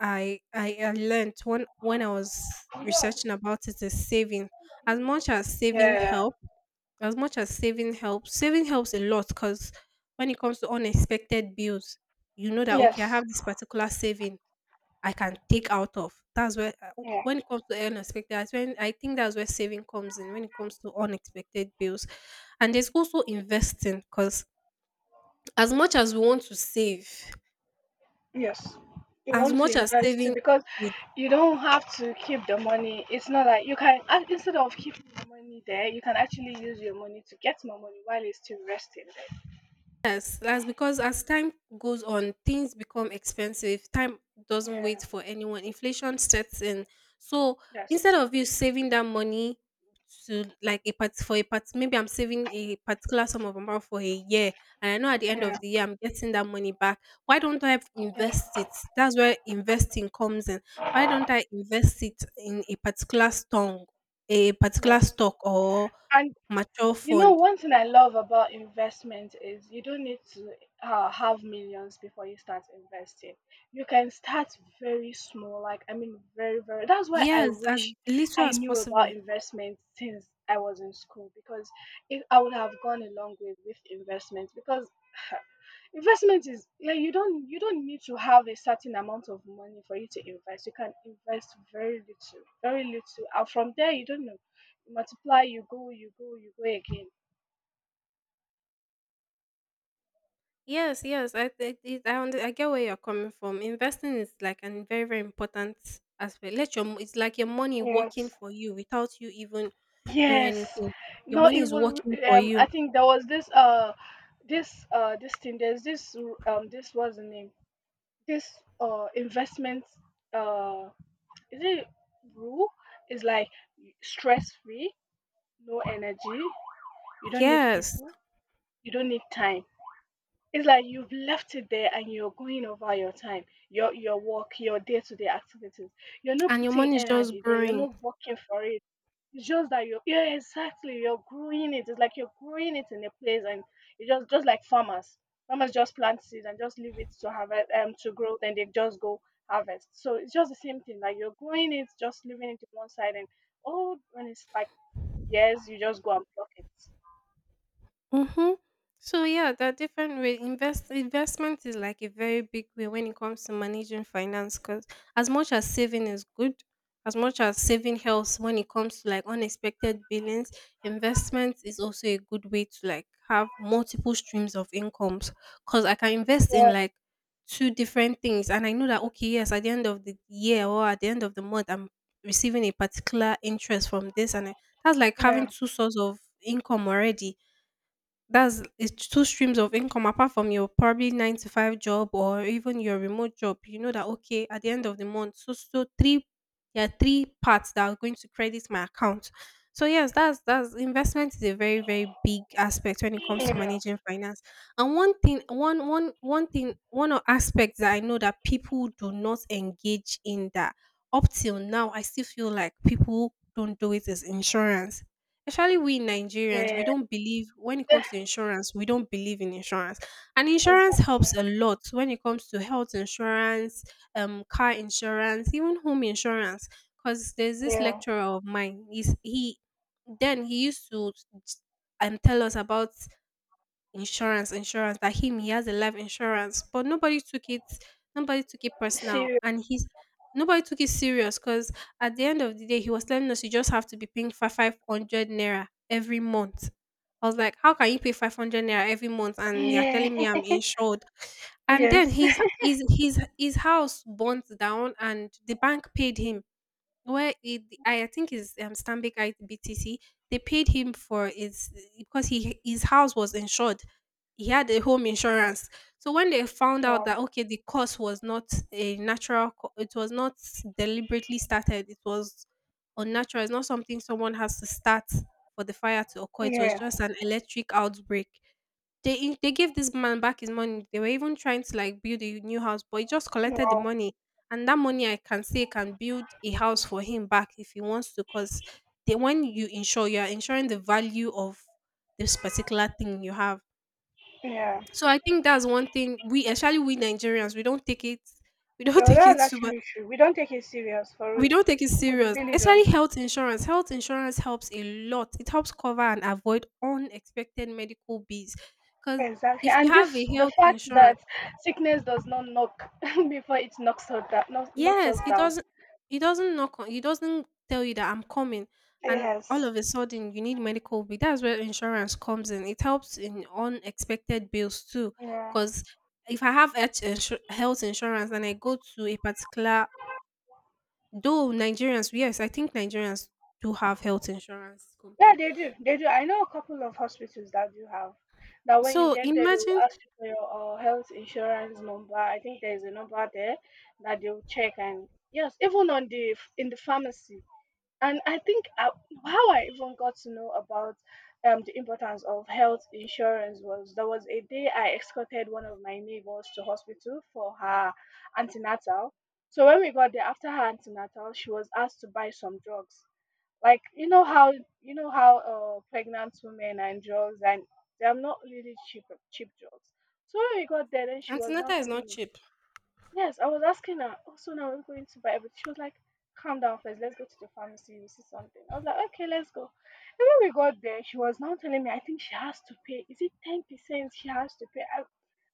[SPEAKER 1] I learned when I was researching about it is saving. As much as saving
[SPEAKER 2] Yeah.
[SPEAKER 1] help, as much as saving helps a lot because when it comes to unexpected bills, you know that
[SPEAKER 2] Yes.
[SPEAKER 1] okay, I have this particular saving I can take out of. That's where
[SPEAKER 2] Yeah.
[SPEAKER 1] when it comes to unexpected, that's when I think that's where saving comes in. When it comes to unexpected bills, and there's also investing because as much as we want to save.
[SPEAKER 2] Yes. You
[SPEAKER 1] As
[SPEAKER 2] want to
[SPEAKER 1] much as
[SPEAKER 2] invest too
[SPEAKER 1] saving
[SPEAKER 2] because you don't have to keep the money. It's not like you can, instead of keeping the money there, you can actually use your money to get more money while it's still resting
[SPEAKER 1] Yes, that's because as time goes on, things become expensive. Time doesn't
[SPEAKER 2] there. Yeah.
[SPEAKER 1] wait for anyone. Inflation sets in. So
[SPEAKER 2] Yes.
[SPEAKER 1] instead of you saving that money to like a part for a part, maybe I'm saving a particular sum of amount for a year, and I know at the end
[SPEAKER 2] Yeah.
[SPEAKER 1] of the year I'm getting that money back. Why don't I
[SPEAKER 2] Yeah.
[SPEAKER 1] invest it? That's where investing comes in. Why don't I invest it in a particular
[SPEAKER 2] Yes.
[SPEAKER 1] stock or mature
[SPEAKER 2] You know,
[SPEAKER 1] fund?
[SPEAKER 2] one thing I love about investment is you don't need to have millions before you start investing. You can start very small, like, I mean, very, very. That's why I
[SPEAKER 1] Yes, as
[SPEAKER 2] wish
[SPEAKER 1] little
[SPEAKER 2] I
[SPEAKER 1] as
[SPEAKER 2] knew about
[SPEAKER 1] possible.
[SPEAKER 2] investment since I was in school because it, I would have gone a long way with investment because. Investment is like, you don't, need to have a certain amount of money for you to invest. You can invest very little, and from there, you don't know. You multiply, you go, again.
[SPEAKER 1] Yes, yes, I it I under I get where you're coming from. Investing is like an very, very important aspect. Let your mo It's like your money
[SPEAKER 2] Yes,
[SPEAKER 1] working for you without you even doing
[SPEAKER 2] yes.
[SPEAKER 1] anything. Your
[SPEAKER 2] Not
[SPEAKER 1] money is
[SPEAKER 2] even.
[SPEAKER 1] working for
[SPEAKER 2] I
[SPEAKER 1] you.
[SPEAKER 2] think there was this. This. This thing. There's this. This was the name. This. Investment. Uh, is it rule? Is like stress free, no energy. You don't need
[SPEAKER 1] Yes,
[SPEAKER 2] people. You don't need time. It's like you've left it there and you're going over your time, your work, your day to day activities. You're not
[SPEAKER 1] and your
[SPEAKER 2] putting
[SPEAKER 1] money is just
[SPEAKER 2] energy there. You're
[SPEAKER 1] growing.
[SPEAKER 2] not working for it. It's just that you're, yeah, exactly. You're growing it. It's like you're growing it in a place, and you just like farmers. Farmers just plant seeds and just leave it to harvest to grow, then they just go harvest. So it's just the same thing. Like, you're growing it, just leaving it to one side, and oh, when it's like years, you just go and pluck it.
[SPEAKER 1] Mm-hmm. So yeah, there are different way. Investment is like a very big way when it comes to managing finance. Cause as much as saving is good, as much as saving helps when it comes to like unexpected billings, investment is also a good way to like have multiple streams of incomes. Cause I can invest
[SPEAKER 2] Yeah,
[SPEAKER 1] in like two different things, and I know that okay, yes, at the end of the year or at the end of the month, I'm receiving a particular interest from this, that's like having
[SPEAKER 2] yeah,
[SPEAKER 1] two sources of income already. That's it's two streams of income apart from your probably nine to five job or even your remote job. You know that okay, at the end of the month, so so three there are three parts that are going to credit my account. So yes, that's investment is a very, very big aspect when it comes to
[SPEAKER 2] yeah,
[SPEAKER 1] managing finance. And one thing one one one thing one o- aspect that I know that people do not engage in, that up till now I still feel like people don't do it, is insurance. Especially we Nigerians,
[SPEAKER 2] yeah,
[SPEAKER 1] we don't believe when it
[SPEAKER 2] yeah.
[SPEAKER 1] comes to insurance, we don't believe in insurance. And insurance
[SPEAKER 2] Exactly.
[SPEAKER 1] helps a lot when it comes to health insurance, car insurance, even home insurance. Because there's this
[SPEAKER 2] Yeah,
[SPEAKER 1] lecturer of mine, he's, he then he used to tell us about insurance that him he has a life insurance, but nobody took it personal,
[SPEAKER 2] see,
[SPEAKER 1] and he's nobody took it serious, because at the end of the day he was telling us you just have to be paying five five hundred naira every month. I was like, how can you pay 500 naira every month and you're
[SPEAKER 2] yeah,
[SPEAKER 1] telling me I'm insured? And then
[SPEAKER 2] yes,
[SPEAKER 1] his house burnt down and the bank paid him. Well, it, I think is Stanbic IBTC. They paid him for his because he his house was insured. He had a home insurance. So when they found out
[SPEAKER 2] wow,
[SPEAKER 1] that okay, the cause was not a natural, it was not deliberately started. It was unnatural. It's not something someone has to start for the fire to occur. It was
[SPEAKER 2] yeah,
[SPEAKER 1] just an electric outbreak. They gave this man back his money. They were even trying to like build a new house, but he just collected the
[SPEAKER 2] wow,
[SPEAKER 1] money. And that money I can say can build a house for him back if he wants to. Cause they, when you insure, you are insuring the value of this particular thing you have.
[SPEAKER 2] yeah.
[SPEAKER 1] So I think that's one thing we, especially we Nigerians, we don't take it, we don't
[SPEAKER 2] Well,
[SPEAKER 1] take
[SPEAKER 2] that's
[SPEAKER 1] it super,
[SPEAKER 2] actually true. We don't take it serious for
[SPEAKER 1] we
[SPEAKER 2] real.
[SPEAKER 1] don't take it
[SPEAKER 2] No, we
[SPEAKER 1] serious.
[SPEAKER 2] really don't.
[SPEAKER 1] Especially health insurance. Health insurance helps a lot. It helps cover and avoid unexpected medical bills. Because
[SPEAKER 2] Exactly.
[SPEAKER 1] if you
[SPEAKER 2] And
[SPEAKER 1] have
[SPEAKER 2] this,
[SPEAKER 1] a
[SPEAKER 2] the
[SPEAKER 1] health
[SPEAKER 2] fact
[SPEAKER 1] insurance.
[SPEAKER 2] that sickness does not knock before it knocks us down. Knocks us
[SPEAKER 1] Yes, it
[SPEAKER 2] down.
[SPEAKER 1] doesn't it doesn't knock on it doesn't tell you that I'm coming, and all
[SPEAKER 2] Yes.
[SPEAKER 1] of a sudden you need medical bill. That's where insurance comes in. It helps in unexpected bills too.
[SPEAKER 2] Yeah.
[SPEAKER 1] Because if I have health insurance and I go to a particular, though Nigerians, yes, I think Nigerians do have health insurance
[SPEAKER 2] Yeah,
[SPEAKER 1] company.
[SPEAKER 2] they do. They do. I know a couple of hospitals that do have, that when you
[SPEAKER 1] So
[SPEAKER 2] get there, they will
[SPEAKER 1] imagine,
[SPEAKER 2] ask you for your health insurance number. I think there is a number there that they will check, and yes, even on the in the pharmacy. And I think I, how I even got to know about the importance of health insurance was, there was a day I escorted one of my neighbors to hospital for her antenatal. So when we got there after her antenatal, she was asked to buy some drugs. Like, you know how, pregnant women and drugs, and they are not really cheap, drugs. So when we got there, then she was now
[SPEAKER 1] antenatal is not
[SPEAKER 2] telling me,
[SPEAKER 1] cheap.
[SPEAKER 2] yes, I was asking her, "Oh, so now we're going to buy everything." She was like, calm down first, let's go to the pharmacy, we see something. I was like, okay, let's go. And when we got there, she was now telling me, I think she has to pay. Is it 10% she has to pay?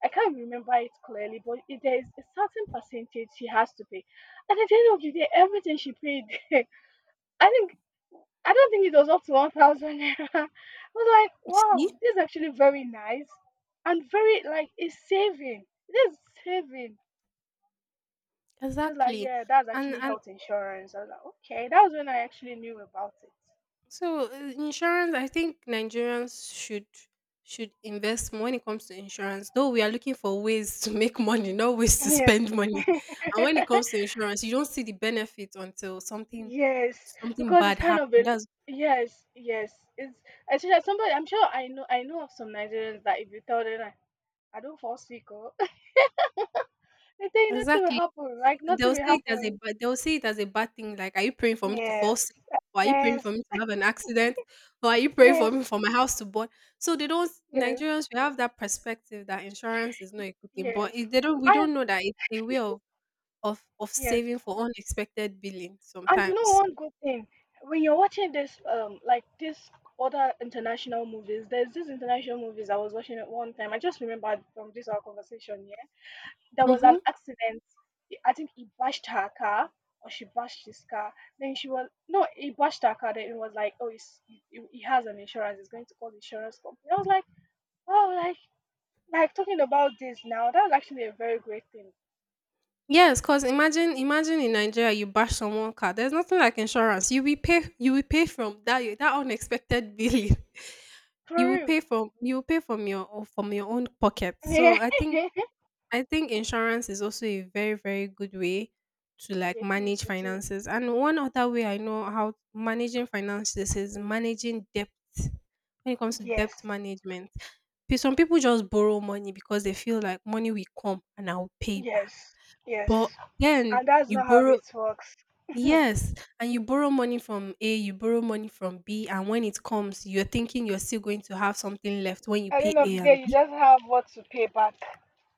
[SPEAKER 2] I can't remember it clearly, but it, there is a certain percentage she has to pay. And at the end of the day, everything she paid, I think, I don't think it was up to 1,000 naira. I was like,
[SPEAKER 1] See?
[SPEAKER 2] wow, this is actually very nice and very, like, it's saving. This is saving. She was like,
[SPEAKER 1] Exactly.
[SPEAKER 2] yeah, that's actually
[SPEAKER 1] And
[SPEAKER 2] health insurance. I was like, okay, that was when I actually knew about it.
[SPEAKER 1] So insurance, I think Nigerians should invest more when it comes to insurance. Though we are looking for ways to make money, not ways to
[SPEAKER 2] Yes.
[SPEAKER 1] spend money. And when it comes to insurance, you don't see the benefit until something
[SPEAKER 2] Yes,
[SPEAKER 1] something
[SPEAKER 2] because it's
[SPEAKER 1] bad
[SPEAKER 2] kind
[SPEAKER 1] happens.
[SPEAKER 2] of a,
[SPEAKER 1] That's
[SPEAKER 2] yes, yes. It's especially as somebody, I'm sure, I know, of some Nigerians that if you tell them like, I don't fall sick, or they tell you nothing will
[SPEAKER 1] Exactly.
[SPEAKER 2] happen, like, nothing will happen.
[SPEAKER 1] They'll see it as a bad thing. Like, are you praying for me to fall
[SPEAKER 2] Yes.
[SPEAKER 1] sick? Or are you praying for
[SPEAKER 2] Yes.
[SPEAKER 1] me to have an accident? Or are you praying for me
[SPEAKER 2] Yes.
[SPEAKER 1] for my house to burn? So they don't
[SPEAKER 2] Yes.
[SPEAKER 1] Nigerians, we have that perspective that insurance is not a good thing. But
[SPEAKER 2] Yes.
[SPEAKER 1] it, they don't we
[SPEAKER 2] I,
[SPEAKER 1] don't know that it's a way of
[SPEAKER 2] yes.
[SPEAKER 1] saving for unexpected billing
[SPEAKER 2] And you know,
[SPEAKER 1] sometimes.
[SPEAKER 2] one good thing, when you're watching this like this other international movies, there's this international movies I was watching at one time. I just remembered from this our conversation, yeah. There was an
[SPEAKER 1] Mm-hmm.
[SPEAKER 2] accident. I think he bashed her car or she bashed his car. Then she was, no, he bashed her car. Then it was like, oh, he's, he has an insurance. He's going to call the insurance company. I was like, oh, like talking about this now. That's actually a very great thing
[SPEAKER 1] Yes, because imagine in Nigeria you bash someone car. There's nothing like insurance. You will pay from that unexpected billing.
[SPEAKER 2] for real.
[SPEAKER 1] You will pay from from your own pocket. So
[SPEAKER 2] Yeah,
[SPEAKER 1] I think insurance is also a very very good way to like
[SPEAKER 2] it is.
[SPEAKER 1] manage
[SPEAKER 2] It is.
[SPEAKER 1] finances. And one other way I know how managing finances is, managing debt. When it comes to debt
[SPEAKER 2] Yes.
[SPEAKER 1] management, some people just borrow money because they feel like money will come and I'll pay back.
[SPEAKER 2] Yes, yes.
[SPEAKER 1] But then
[SPEAKER 2] And that's
[SPEAKER 1] you
[SPEAKER 2] not how
[SPEAKER 1] borrow
[SPEAKER 2] it works.
[SPEAKER 1] yes, and you borrow money from A, you borrow money from B, and when it comes, you're thinking you're still going to have something left when you
[SPEAKER 2] At the
[SPEAKER 1] pay
[SPEAKER 2] end of
[SPEAKER 1] A
[SPEAKER 2] the day,
[SPEAKER 1] and
[SPEAKER 2] you
[SPEAKER 1] B.
[SPEAKER 2] just have what to pay back,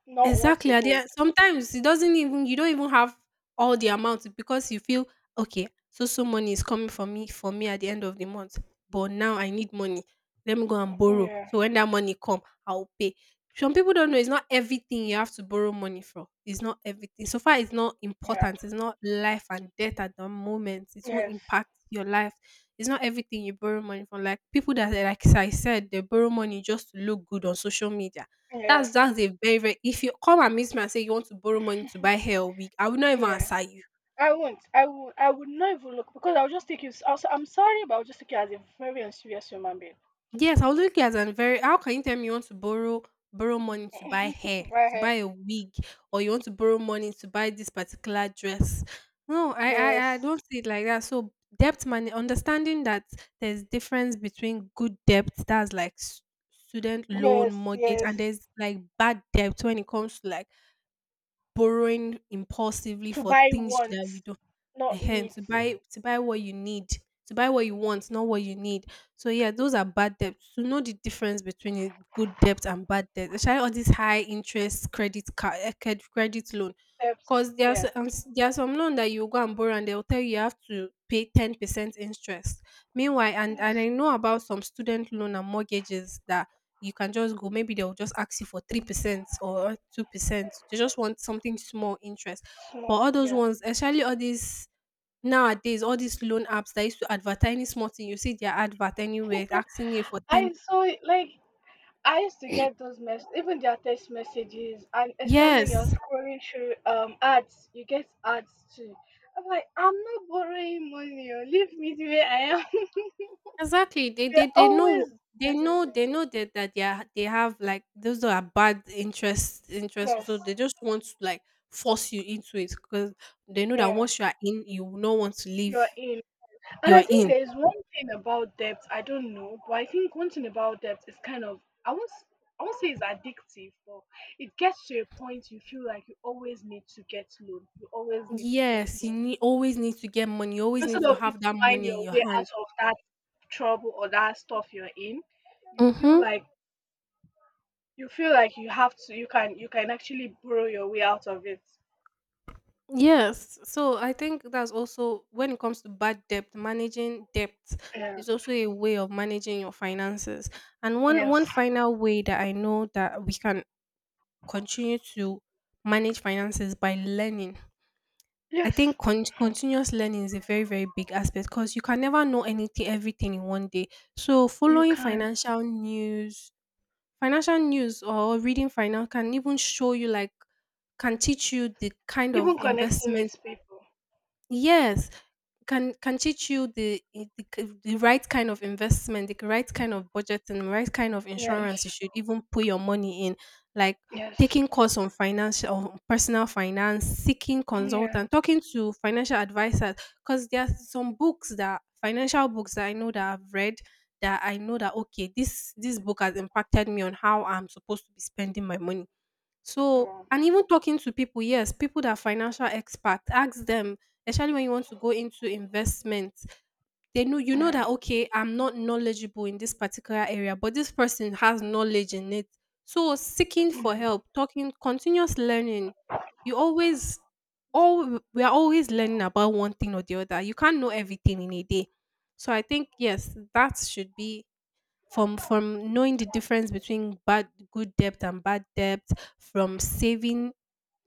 [SPEAKER 2] not what
[SPEAKER 1] Exactly.
[SPEAKER 2] to
[SPEAKER 1] At the
[SPEAKER 2] hold.
[SPEAKER 1] end, sometimes it doesn't even you don't even have all the amount because you feel okay. So money is coming for me at the end of the month, but now I need money. Let me go and borrow.
[SPEAKER 2] Yeah,
[SPEAKER 1] So when that money come, I'll pay. Some people don't know it's not everything you have to borrow money for. It's not everything. So far, it's not
[SPEAKER 2] yeah,
[SPEAKER 1] important. It's not life and death at the moment. It won't
[SPEAKER 2] yes,
[SPEAKER 1] impact your life. It's not everything you borrow money for. Like people that, like I said, they borrow money just to look good on social media.
[SPEAKER 2] yeah,
[SPEAKER 1] That's a very, very If you come and meet me and say you want to borrow money to buy hair or wig, I will not even
[SPEAKER 2] yeah.
[SPEAKER 1] answer you.
[SPEAKER 2] I won't. I would. I would not even look because I'll just take you. Also, I'm sorry, but I'll just take you as a very unserious human being.
[SPEAKER 1] Yes, I would look at you as an very, how can you tell me you want to borrow money to buy hair,
[SPEAKER 2] To buy
[SPEAKER 1] to buy
[SPEAKER 2] hair.
[SPEAKER 1] a wig, or you want to borrow money to buy this particular dress? No, I
[SPEAKER 2] Yes,
[SPEAKER 1] I, I don't see it like that. So debt money, understanding that there's difference between good debt, that's like student loan,
[SPEAKER 2] yes,
[SPEAKER 1] mortgage,
[SPEAKER 2] yes.
[SPEAKER 1] and there's like bad debt when it comes to like borrowing impulsively
[SPEAKER 2] To
[SPEAKER 1] for
[SPEAKER 2] buy
[SPEAKER 1] things that you
[SPEAKER 2] wants,
[SPEAKER 1] don't.
[SPEAKER 2] not
[SPEAKER 1] Ehen,
[SPEAKER 2] needs.
[SPEAKER 1] to buy what you need, to buy what you want, not what you need. So yeah, those are bad debts. To know the difference between a good debt and bad debt, especially all this high interest credit loan,
[SPEAKER 2] Steps.
[SPEAKER 1] because
[SPEAKER 2] Yeah.
[SPEAKER 1] there are some loan that you go and borrow and they'll tell you you have to pay 10% interest. Meanwhile, and
[SPEAKER 2] Yes.
[SPEAKER 1] I know about some student loan and mortgages that you can just go. Maybe they'll just ask you for 3% or 2%. They just want something small interest. But
[SPEAKER 2] Small.
[SPEAKER 1] all those
[SPEAKER 2] Yeah.
[SPEAKER 1] ones, especially all these, nowadays, all these loan apps that used to advertise any small thing, you see their advert anywhere asking you for ten.
[SPEAKER 2] I saw it like, I used to get those mess, even their text messages, and especially when you're
[SPEAKER 1] Yes,
[SPEAKER 2] scrolling through ads, you get ads too. I'm like, I'm not borrowing money, or leave me the way I am.
[SPEAKER 1] exactly. They
[SPEAKER 2] They're
[SPEAKER 1] they, they know
[SPEAKER 2] always
[SPEAKER 1] they know
[SPEAKER 2] messaging.
[SPEAKER 1] they know that they have like those are bad interest.
[SPEAKER 2] Yes,
[SPEAKER 1] So they just want to like force you into it because they know that
[SPEAKER 2] yeah,
[SPEAKER 1] once you are in, you will not want to leave.
[SPEAKER 2] you're in. And
[SPEAKER 1] You
[SPEAKER 2] I
[SPEAKER 1] are
[SPEAKER 2] think
[SPEAKER 1] in.
[SPEAKER 2] there is one thing about debt, I don't know, but I think one thing about debt is kind of— I won't s- I won't say it's addictive, but it gets to a point you feel like you always need to get loan, you always need to get—
[SPEAKER 1] Yes, always need to get money. You always need
[SPEAKER 2] Instead
[SPEAKER 1] to
[SPEAKER 2] of you to
[SPEAKER 1] have that
[SPEAKER 2] find
[SPEAKER 1] money in
[SPEAKER 2] your
[SPEAKER 1] your
[SPEAKER 2] way out
[SPEAKER 1] hand.
[SPEAKER 2] of that trouble or that stuff you're in, you feel
[SPEAKER 1] Mm-hmm.
[SPEAKER 2] like— you feel like you have to you can— you can actually borrow your way out of it.
[SPEAKER 1] Yes. So I think that's also when it comes to bad debt, managing debt
[SPEAKER 2] Yeah.
[SPEAKER 1] is also a way of managing your finances. And one
[SPEAKER 2] Yes.
[SPEAKER 1] one final way that I know that we can continue to manage finances by learning. I
[SPEAKER 2] Yes.
[SPEAKER 1] think continuous learning is a very very big aspect because you can never know anything everything in one day. So
[SPEAKER 2] You
[SPEAKER 1] following
[SPEAKER 2] can.
[SPEAKER 1] financial news or reading finance can even show you like can teach you the kind of
[SPEAKER 2] Even connecting
[SPEAKER 1] investment.
[SPEAKER 2] with people.
[SPEAKER 1] Yes, can teach you the right kind of investment, the right kind of budgeting, the right kind of
[SPEAKER 2] Yes.
[SPEAKER 1] insurance you should even put your money in, like
[SPEAKER 2] Yes.
[SPEAKER 1] taking course on financial on personal finance, seeking
[SPEAKER 2] Yeah.
[SPEAKER 1] consultant, talking to financial advisors, because there are some books that financial books that I know that I've read, that I know that okay, this book has impacted me on how I'm supposed to be spending my money, so
[SPEAKER 2] Wow.
[SPEAKER 1] and even talking to people, yes, people that are financial expert, ask them, especially when you want to go into investment, they know you know
[SPEAKER 2] Yeah.
[SPEAKER 1] that okay, I'm not knowledgeable in this particular area, but this person has knowledge in it. So seeking for help, talking, continuous learning, you always all we are always learning about one thing or the other. You can't know everything in a day. So I think yes, that should be, from knowing the difference between bad good debt and bad debt, from saving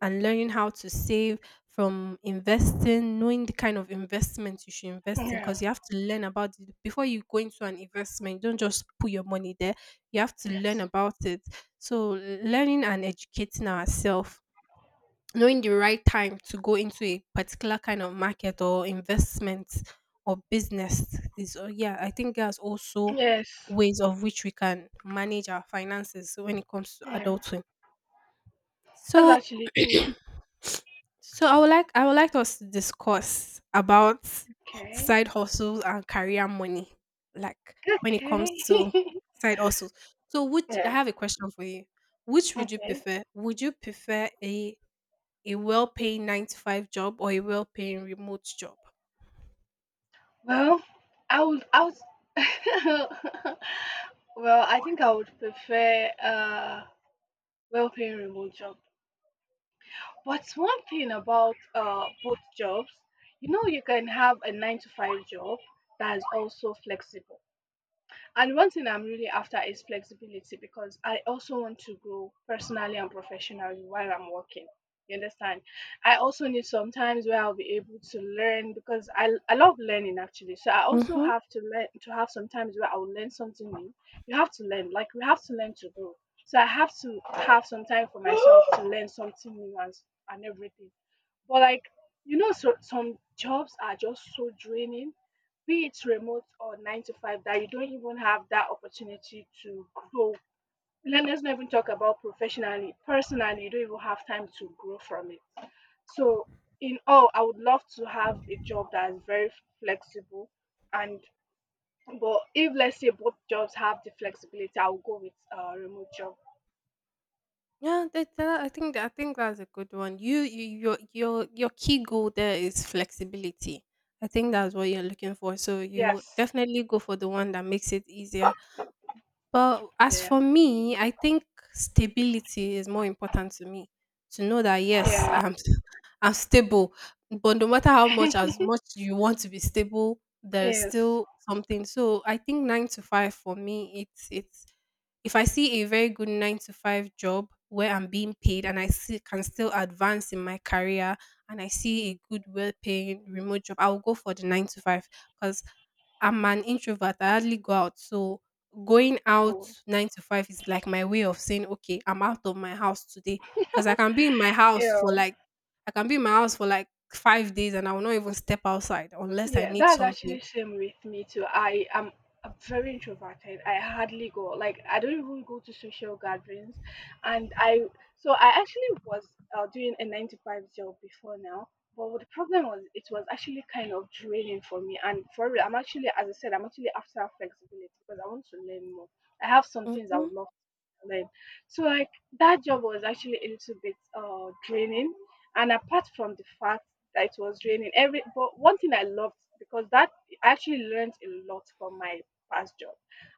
[SPEAKER 1] and learning how to save, from investing, knowing the kind of investment you should invest in,
[SPEAKER 2] Yeah.
[SPEAKER 1] because you have to learn about it before you go into an investment. You don't just put your money there. You have to learn
[SPEAKER 2] Yes.
[SPEAKER 1] about it. So learning and educating ourselves, knowing the right time to go into a particular kind of market or investment or business is, yeah, I think there's also
[SPEAKER 2] Yes.
[SPEAKER 1] ways of which we can manage our finances when it comes to
[SPEAKER 2] Yeah.
[SPEAKER 1] adulthood.
[SPEAKER 2] That's
[SPEAKER 1] So
[SPEAKER 2] actually true.
[SPEAKER 1] so I would like us to discuss about
[SPEAKER 2] Okay.
[SPEAKER 1] side hustles and career money. Like when it comes
[SPEAKER 2] Okay.
[SPEAKER 1] to side hustles, so which I
[SPEAKER 2] yeah.
[SPEAKER 1] have a question for you. which would you
[SPEAKER 2] Okay.
[SPEAKER 1] prefer would you prefer a well-paying 9 to 5 job or a well-paying remote job?
[SPEAKER 2] Well, I would, I would, well, I think I would prefer well-paying remote job. But one thing about both jobs, you know, you can have a 9 to 5 job that is also flexible. And one thing I'm really after is flexibility because I also want to grow personally and professionally while I'm working. You understand? I also need sometimes where I'll be able to learn because I love learning actually. So I also
[SPEAKER 1] Mhm.
[SPEAKER 2] have to learn to have sometimes where I'll learn something new. You have to learn, like we have to learn to grow. So I have to have some time for myself to learn something new and and everything. But like, you know, so some jobs are just so draining, be it remote or 9 to 5, that you don't even have that opportunity to grow. Let's not even talk about professionally. Personally, you don't even have time to grow from it. So, in all, I would love to have a job that is very flexible. And, but if let's say both jobs have the flexibility, I will go with a remote job.
[SPEAKER 1] Yeah, that, I think that's a good one. Your key goal there is flexibility. I think that's what you're looking for. So you would
[SPEAKER 2] Yes.
[SPEAKER 1] definitely go for the one that makes it easier. But as
[SPEAKER 2] Yeah.
[SPEAKER 1] for me, I think stability is more important to me. To know that yes,
[SPEAKER 2] Yeah.
[SPEAKER 1] I'm stable. But no matter how much as much you want to be stable, there's
[SPEAKER 2] yes.
[SPEAKER 1] still something. So I think 9 to 5 for me, it's if I see a very good 9 to 5 job where I'm being paid and I see, can still advance in my career, and I see a good, well paying remote job, I'll go for the 9 to 5 because I'm an introvert. I hardly go out. So going out
[SPEAKER 2] Oh,
[SPEAKER 1] 9 to 5 is like my way of saying, okay, I'm out of my house today. Because
[SPEAKER 2] yeah.
[SPEAKER 1] I can be in my house for like 5 days and I will not even step outside unless I
[SPEAKER 2] Yeah,
[SPEAKER 1] need
[SPEAKER 2] that's
[SPEAKER 1] something.
[SPEAKER 2] actually same with me too. I am— I'm very introverted. I hardly go. Like I don't even go to social gatherings, and I— so I actually was doing a 9 to 5 job before now. But what the problem was, it was actually kind of draining for me. And for real, I'm actually, as I said, I'm actually after flexibility because I want to learn more. I have some things I
[SPEAKER 1] Mm-hmm,
[SPEAKER 2] would love to learn. So like that job was actually a little bit draining. And apart from the fact that it was raining every— but one thing I loved, because that I actually learned a lot from my past job,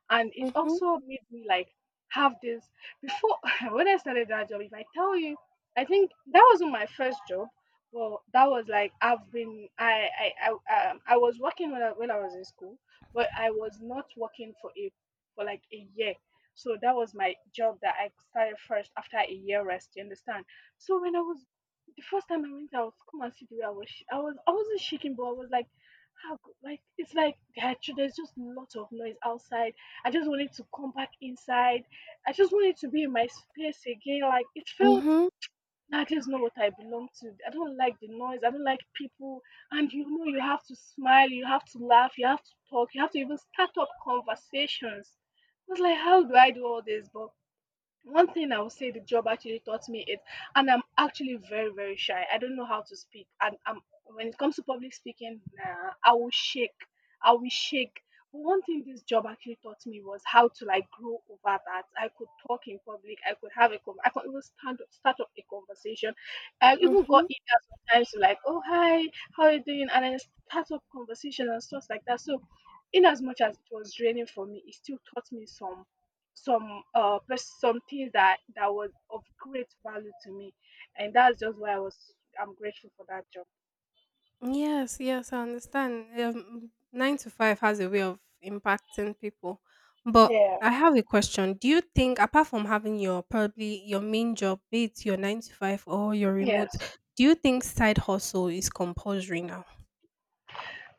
[SPEAKER 2] and it
[SPEAKER 1] mm-hmm,
[SPEAKER 2] also made me like have this. Before, when I started that job, if I tell you, I think that wasn't my first job, but that was like— I was working when when I was in school, but I was not working for a— for like a year. So that was my job that I started first after a year rest, you understand? So when I was— the first time I went out, come and see the way I was. I was— I wasn't shaking, but I was like, how? Like it's like there are there's just a lot of noise outside. I just wanted to come back inside. I just wanted to be in my space again. Like it felt—
[SPEAKER 1] mm-hmm,
[SPEAKER 2] Nah, this is not what I belong to. I don't like the noise. I don't like people. And you know, you have to smile. You have to laugh. You have to talk. You have to even start up conversations. I was like, how do I do all this? But one thing I would say the job actually taught me is— and I'm actually very, very shy. I don't know how to speak. When it comes to public speaking, nah, I will shake. I will shake. But one thing this job actually taught me was how to like grow over that. I could talk in public. I could have a I could even stand up, start up a conversation. I even got
[SPEAKER 1] mm-hmm.
[SPEAKER 2] emails sometimes to like, oh hi, how are you doing? And I start up conversation and stuff like that. So in as much as it was draining for me, it still taught me some— some things that that was of great value to me, and that's just why I was— I'm grateful for that job.
[SPEAKER 1] Yes, yes, I understand. 9 to 5 has a way of impacting people. But
[SPEAKER 2] Yeah.
[SPEAKER 1] I have a question. Do you think, apart from having your probably your main job, be it your 9 to 5 or your
[SPEAKER 2] Yes.
[SPEAKER 1] remote, do you think side hustle is compulsory now?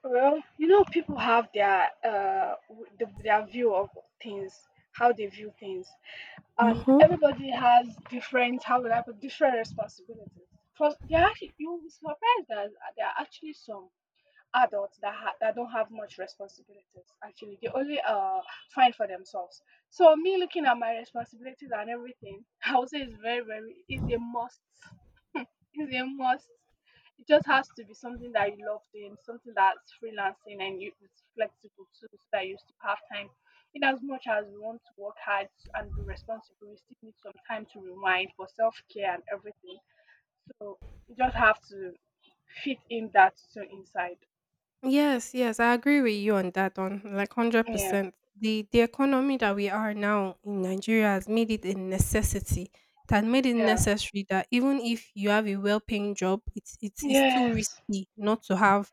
[SPEAKER 2] Well, you know, people have their their view of things, how they view things, and
[SPEAKER 1] Mm-hmm.
[SPEAKER 2] everybody has different— how would I put— different responsibilities. Because they are actually— you'll be surprised that there are actually some adults that that don't have much responsibilities. Actually, they only find for themselves. So me, looking at my responsibilities and everything, I would say it's very, very— it's a must. It's a must. It just has to be something that you love doing, something that's freelancing, and you— it's flexible too, so that you still have time. In as much as we want to work hard and be responsible, we still need some time to rewind for self-care and everything. So you just have to fit in that too inside.
[SPEAKER 1] Yes, yes, I agree with you on that one, like
[SPEAKER 2] Yeah.
[SPEAKER 1] 100%. The economy that we are now in Nigeria has made it a necessity. It has made it
[SPEAKER 2] Yeah.
[SPEAKER 1] necessary that even if you have a well-paying job, it's too
[SPEAKER 2] Yes.
[SPEAKER 1] risky not to have.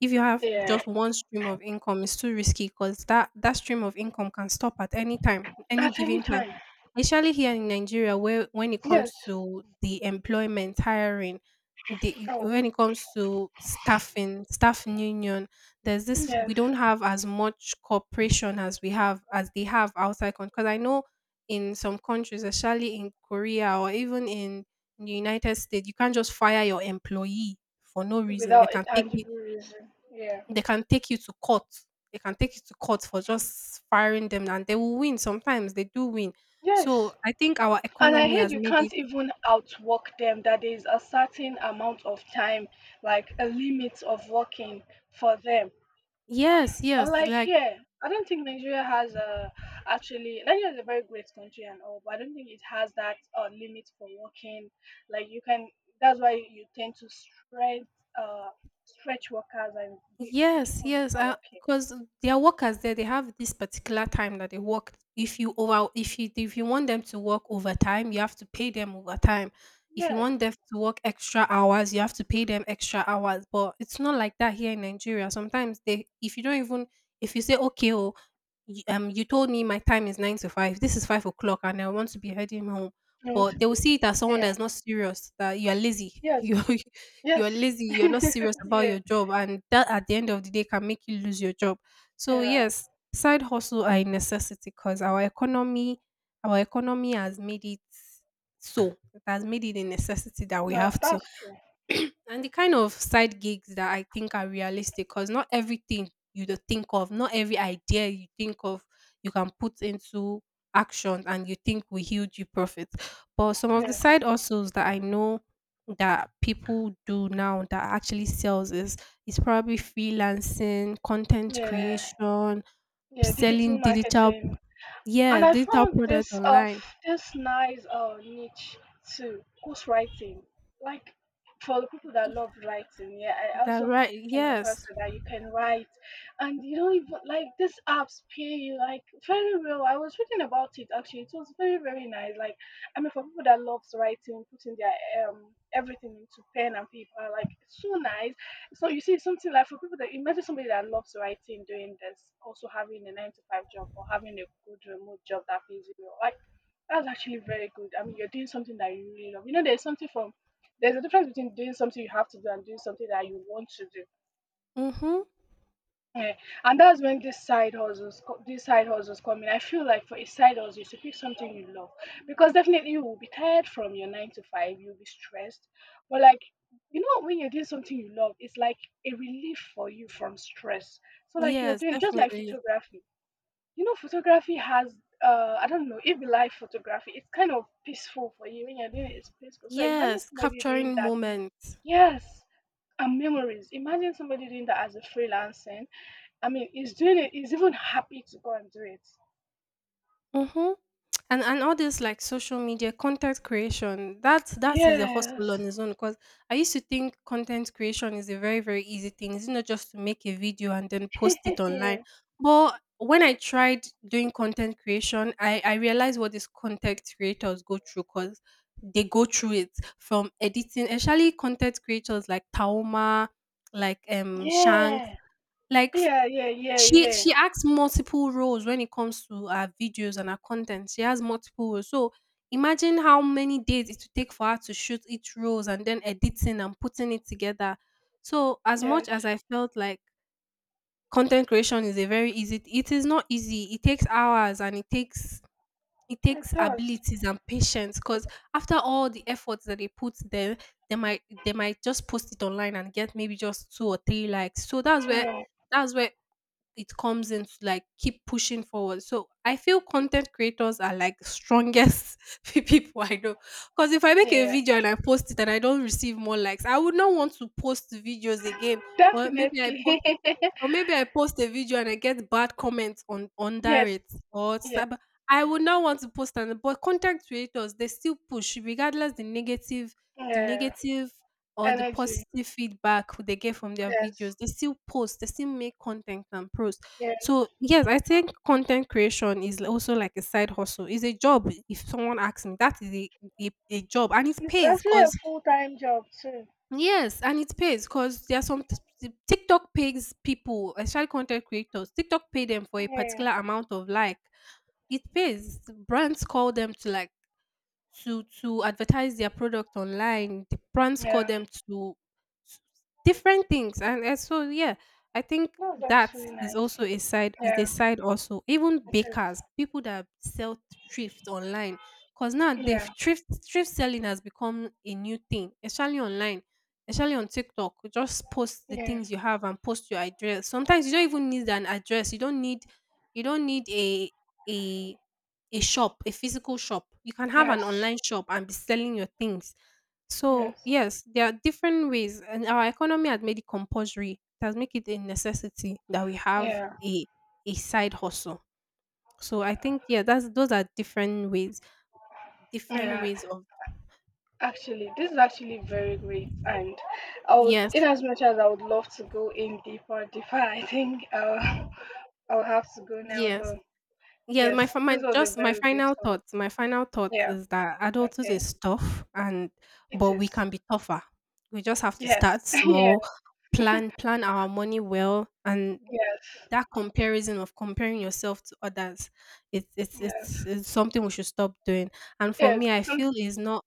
[SPEAKER 1] If you have
[SPEAKER 2] Yeah.
[SPEAKER 1] just one stream of income, it's too risky because that stream of income can stop at any time, any
[SPEAKER 2] At any
[SPEAKER 1] given time.
[SPEAKER 2] time.
[SPEAKER 1] Especially here in Nigeria, where when it
[SPEAKER 2] Yes.
[SPEAKER 1] comes to the employment, hiring, the
[SPEAKER 2] Oh.
[SPEAKER 1] when it comes to staffing union, there's this, we
[SPEAKER 2] Yes.
[SPEAKER 1] don't have as much cooperation as they have outside country. Because I know in some countries, especially in Korea or even in the United States, you can't just fire your employee for no reason. They
[SPEAKER 2] Without a
[SPEAKER 1] can take you
[SPEAKER 2] tangible reason. Yeah.
[SPEAKER 1] they can take you to court. They can take you to court for just firing them, and they will win. Sometimes they do win. So
[SPEAKER 2] Yes.
[SPEAKER 1] I think our
[SPEAKER 2] And I
[SPEAKER 1] economy
[SPEAKER 2] heard
[SPEAKER 1] has
[SPEAKER 2] you
[SPEAKER 1] made
[SPEAKER 2] can't
[SPEAKER 1] it.
[SPEAKER 2] even outwork them, that there is a certain amount of time, like a limit of working for them.
[SPEAKER 1] Yes, yes.
[SPEAKER 2] Unlike
[SPEAKER 1] Like,
[SPEAKER 2] here, I don't think Nigeria has a— actually, Nigeria is a very great country and all, but I don't think it has that limit for working. Like you can— that's why you tend to stretch uh stretch workers, and they keep
[SPEAKER 1] yes,
[SPEAKER 2] on
[SPEAKER 1] yes,
[SPEAKER 2] working.
[SPEAKER 1] because their workers there, they have this particular time that they work. If you want them to work overtime, you have to pay them overtime. If you
[SPEAKER 2] Yeah.
[SPEAKER 1] want them to work extra hours, you have to pay them extra hours. But it's not like that here in Nigeria. Sometimes they, if you don't even, if you say okay, oh, you told me my time is 9 to 5. This is 5 o'clock, and I want to be heading home.
[SPEAKER 2] And,
[SPEAKER 1] But they will see it as someone
[SPEAKER 2] yeah.
[SPEAKER 1] that's not serious, that you are lazy.
[SPEAKER 2] Yes.
[SPEAKER 1] You
[SPEAKER 2] Yes.
[SPEAKER 1] you're lazy, you're not serious about
[SPEAKER 2] Yeah.
[SPEAKER 1] your job, and that at the end of the day can make you lose your job. So
[SPEAKER 2] Yeah.
[SPEAKER 1] yes, side hustle are a necessity because our economy has made it so. It has made it a necessity that we
[SPEAKER 2] Yeah.
[SPEAKER 1] have to,
[SPEAKER 2] That's true.
[SPEAKER 1] and the kind of side gigs that I think are realistic, because not everything you do think of, not every idea you think of, you can put into action and you think will huge you profit. But some of the
[SPEAKER 2] Yes.
[SPEAKER 1] side hustles that I know that people do now that actually sells is probably freelancing, content
[SPEAKER 2] Yeah.
[SPEAKER 1] creation,
[SPEAKER 2] Yeah. Digital
[SPEAKER 1] selling digital
[SPEAKER 2] marketing. And
[SPEAKER 1] yeah,
[SPEAKER 2] I
[SPEAKER 1] digital
[SPEAKER 2] found
[SPEAKER 1] product
[SPEAKER 2] this
[SPEAKER 1] online.
[SPEAKER 2] this nice niche too, who's writing. Like for the people that love writing, yeah, I
[SPEAKER 1] That
[SPEAKER 2] also
[SPEAKER 1] right,
[SPEAKER 2] came across
[SPEAKER 1] yes.
[SPEAKER 2] it that you can write, and you don't even— like these apps pay you like very well. I was reading about it actually. It was very, very nice. Like, I mean, for people that loves writing, putting their everything into pen and paper, like it's so nice. So you see something like— for people that— imagine somebody that loves writing doing this, also having a 9 to 5 job or having a good remote job that pays you well, like that's actually very good. I mean, you're doing something that you really love. You know, there's something from— there's a difference between doing something you have to do and doing something that you want to do.
[SPEAKER 1] Mm-hmm.
[SPEAKER 2] Yeah, and that's when this side hustles, this side hustles come in. I feel like for a side hustle, you should pick something you love, because definitely you will be tired from your 9 to 5. You'll be stressed, but like, you know, when you're doing something you love, it's like a relief for you from stress. So like you're
[SPEAKER 1] Yes,
[SPEAKER 2] doing just like
[SPEAKER 1] definitely.
[SPEAKER 2] photography. You know, photography has I don't know if you like photography, it's kind of peaceful for you. When you're doing it, it's peaceful. So imagine
[SPEAKER 1] Yes,
[SPEAKER 2] somebody doing
[SPEAKER 1] capturing
[SPEAKER 2] that.
[SPEAKER 1] moments.
[SPEAKER 2] Yes, and memories. Imagine somebody doing that as a freelancer. I mean, he's doing it. He's even happy to go and do it.
[SPEAKER 1] Mm-hmm. And all this like social media content creation, that is a
[SPEAKER 2] Yes.
[SPEAKER 1] hustle on its own. Because I used to think content creation is a very very easy thing. It's not just to make a video and then post it online.
[SPEAKER 2] yeah.
[SPEAKER 1] But when I tried doing content creation, I realized what these content creators go through. Cause they go through it from editing, especially content creators like Taoma, like Shanks,
[SPEAKER 2] Yeah,
[SPEAKER 1] like,
[SPEAKER 2] yeah, yeah,
[SPEAKER 1] She
[SPEAKER 2] yeah.
[SPEAKER 1] she acts multiple roles when it comes to her videos and her content. She has multiple roles. So imagine how many days it would take for her to shoot each roles, and then editing and putting it together. So as
[SPEAKER 2] Yes,
[SPEAKER 1] much as I felt like content creation is a very easy it is not easy. It takes hours and it takes it
[SPEAKER 2] it
[SPEAKER 1] takes
[SPEAKER 2] does.
[SPEAKER 1] abilities and patience, because after all the efforts that they put there, they might just post it online and get maybe just two or three likes. So
[SPEAKER 2] Yeah,
[SPEAKER 1] that's where it comes in to like keep pushing forward. So I feel content creators are like the strongest people I know. Because if I make a
[SPEAKER 2] yeah.
[SPEAKER 1] video and I post it and I don't receive more likes, I would not want to post videos again. Or maybe I post
[SPEAKER 2] Definitely.
[SPEAKER 1] or maybe I post a video and I get bad comments on under
[SPEAKER 2] yes,
[SPEAKER 1] it or
[SPEAKER 2] yeah,
[SPEAKER 1] sub. I would not want to post on. But content creators, they still push regardless the negative, the
[SPEAKER 2] yeah.
[SPEAKER 1] negative or the
[SPEAKER 2] Energy.
[SPEAKER 1] positive feedback they get from their
[SPEAKER 2] Yes,
[SPEAKER 1] videos. They still post, they still make content and post.
[SPEAKER 2] yes.
[SPEAKER 1] So yes, I think content creation is also like a side hustle. It's a job. If someone asks me, that is a, job, and it
[SPEAKER 2] It's
[SPEAKER 1] pays,
[SPEAKER 2] actually a
[SPEAKER 1] because
[SPEAKER 2] full time job too.
[SPEAKER 1] yes, and it pays because there are some TikTok pays people, especially content creators. TikTok pay them for a
[SPEAKER 2] Yeah,
[SPEAKER 1] particular amount of like. It pays. Brands call them to, like, to advertise their product online. The brands call
[SPEAKER 2] yeah.
[SPEAKER 1] them to s- different things, and so yeah, I think
[SPEAKER 2] That's
[SPEAKER 1] that
[SPEAKER 2] actually
[SPEAKER 1] is
[SPEAKER 2] nice.
[SPEAKER 1] also a side is a
[SPEAKER 2] Yeah,
[SPEAKER 1] side also. Even
[SPEAKER 2] it is.
[SPEAKER 1] bakers, people that sell thrift online, because now the
[SPEAKER 2] Yeah,
[SPEAKER 1] thrift selling has become a new thing, especially online. Especially on TikTok, you just post the
[SPEAKER 2] yeah.
[SPEAKER 1] things you have and post your address. Sometimes you don't even need an address. You don't need a a shop, a physical shop. You can have an
[SPEAKER 2] Yes,
[SPEAKER 1] online shop and be selling your things. So,
[SPEAKER 2] yes.
[SPEAKER 1] yes, there are different ways, and our economy has made it compulsory. It has made it a necessity that we have
[SPEAKER 2] Yeah,
[SPEAKER 1] a side hustle. So I think yeah, that's those are different
[SPEAKER 2] yeah.
[SPEAKER 1] ways of,
[SPEAKER 2] Actually, this is actually very great, and I would—
[SPEAKER 1] yes,
[SPEAKER 2] in as much as I would love to go in deeper, deeper, I think I'll— I'll have to go now.
[SPEAKER 1] yes.
[SPEAKER 2] But
[SPEAKER 1] Yeah,
[SPEAKER 2] yes,
[SPEAKER 1] my fi my
[SPEAKER 2] this was a
[SPEAKER 1] just
[SPEAKER 2] very great call.
[SPEAKER 1] my final thought
[SPEAKER 2] Yeah.
[SPEAKER 1] is that adulthood
[SPEAKER 2] Okay.
[SPEAKER 1] is tough, and
[SPEAKER 2] It
[SPEAKER 1] but
[SPEAKER 2] is.
[SPEAKER 1] we can be tougher. We just have to
[SPEAKER 2] Yes.
[SPEAKER 1] start small,
[SPEAKER 2] yes.
[SPEAKER 1] plan our money well, and
[SPEAKER 2] Yes.
[SPEAKER 1] that comparison of comparing yourself to others, it's it's
[SPEAKER 2] Yes.
[SPEAKER 1] it's, it's something we should stop doing. And for
[SPEAKER 2] Yes.
[SPEAKER 1] me, I feel
[SPEAKER 2] Some,
[SPEAKER 1] it's not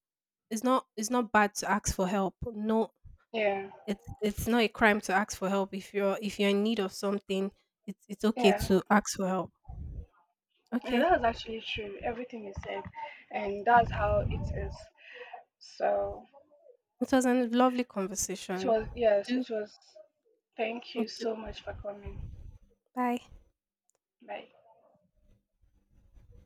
[SPEAKER 1] it's not it's not bad to ask for help. No,
[SPEAKER 2] yeah.
[SPEAKER 1] it's not a crime to ask for help if you're in need of something. It's okay
[SPEAKER 2] Yeah.
[SPEAKER 1] to ask for help.
[SPEAKER 2] Yeah.
[SPEAKER 1] Okay.
[SPEAKER 2] That's actually true. Everything you said, and that's how it is. So
[SPEAKER 1] It was a lovely
[SPEAKER 2] it
[SPEAKER 1] conversation.
[SPEAKER 2] was. Yes.
[SPEAKER 1] Do,
[SPEAKER 2] It was. Thank you
[SPEAKER 1] do
[SPEAKER 2] so much for coming.
[SPEAKER 1] bye.
[SPEAKER 2] Bye.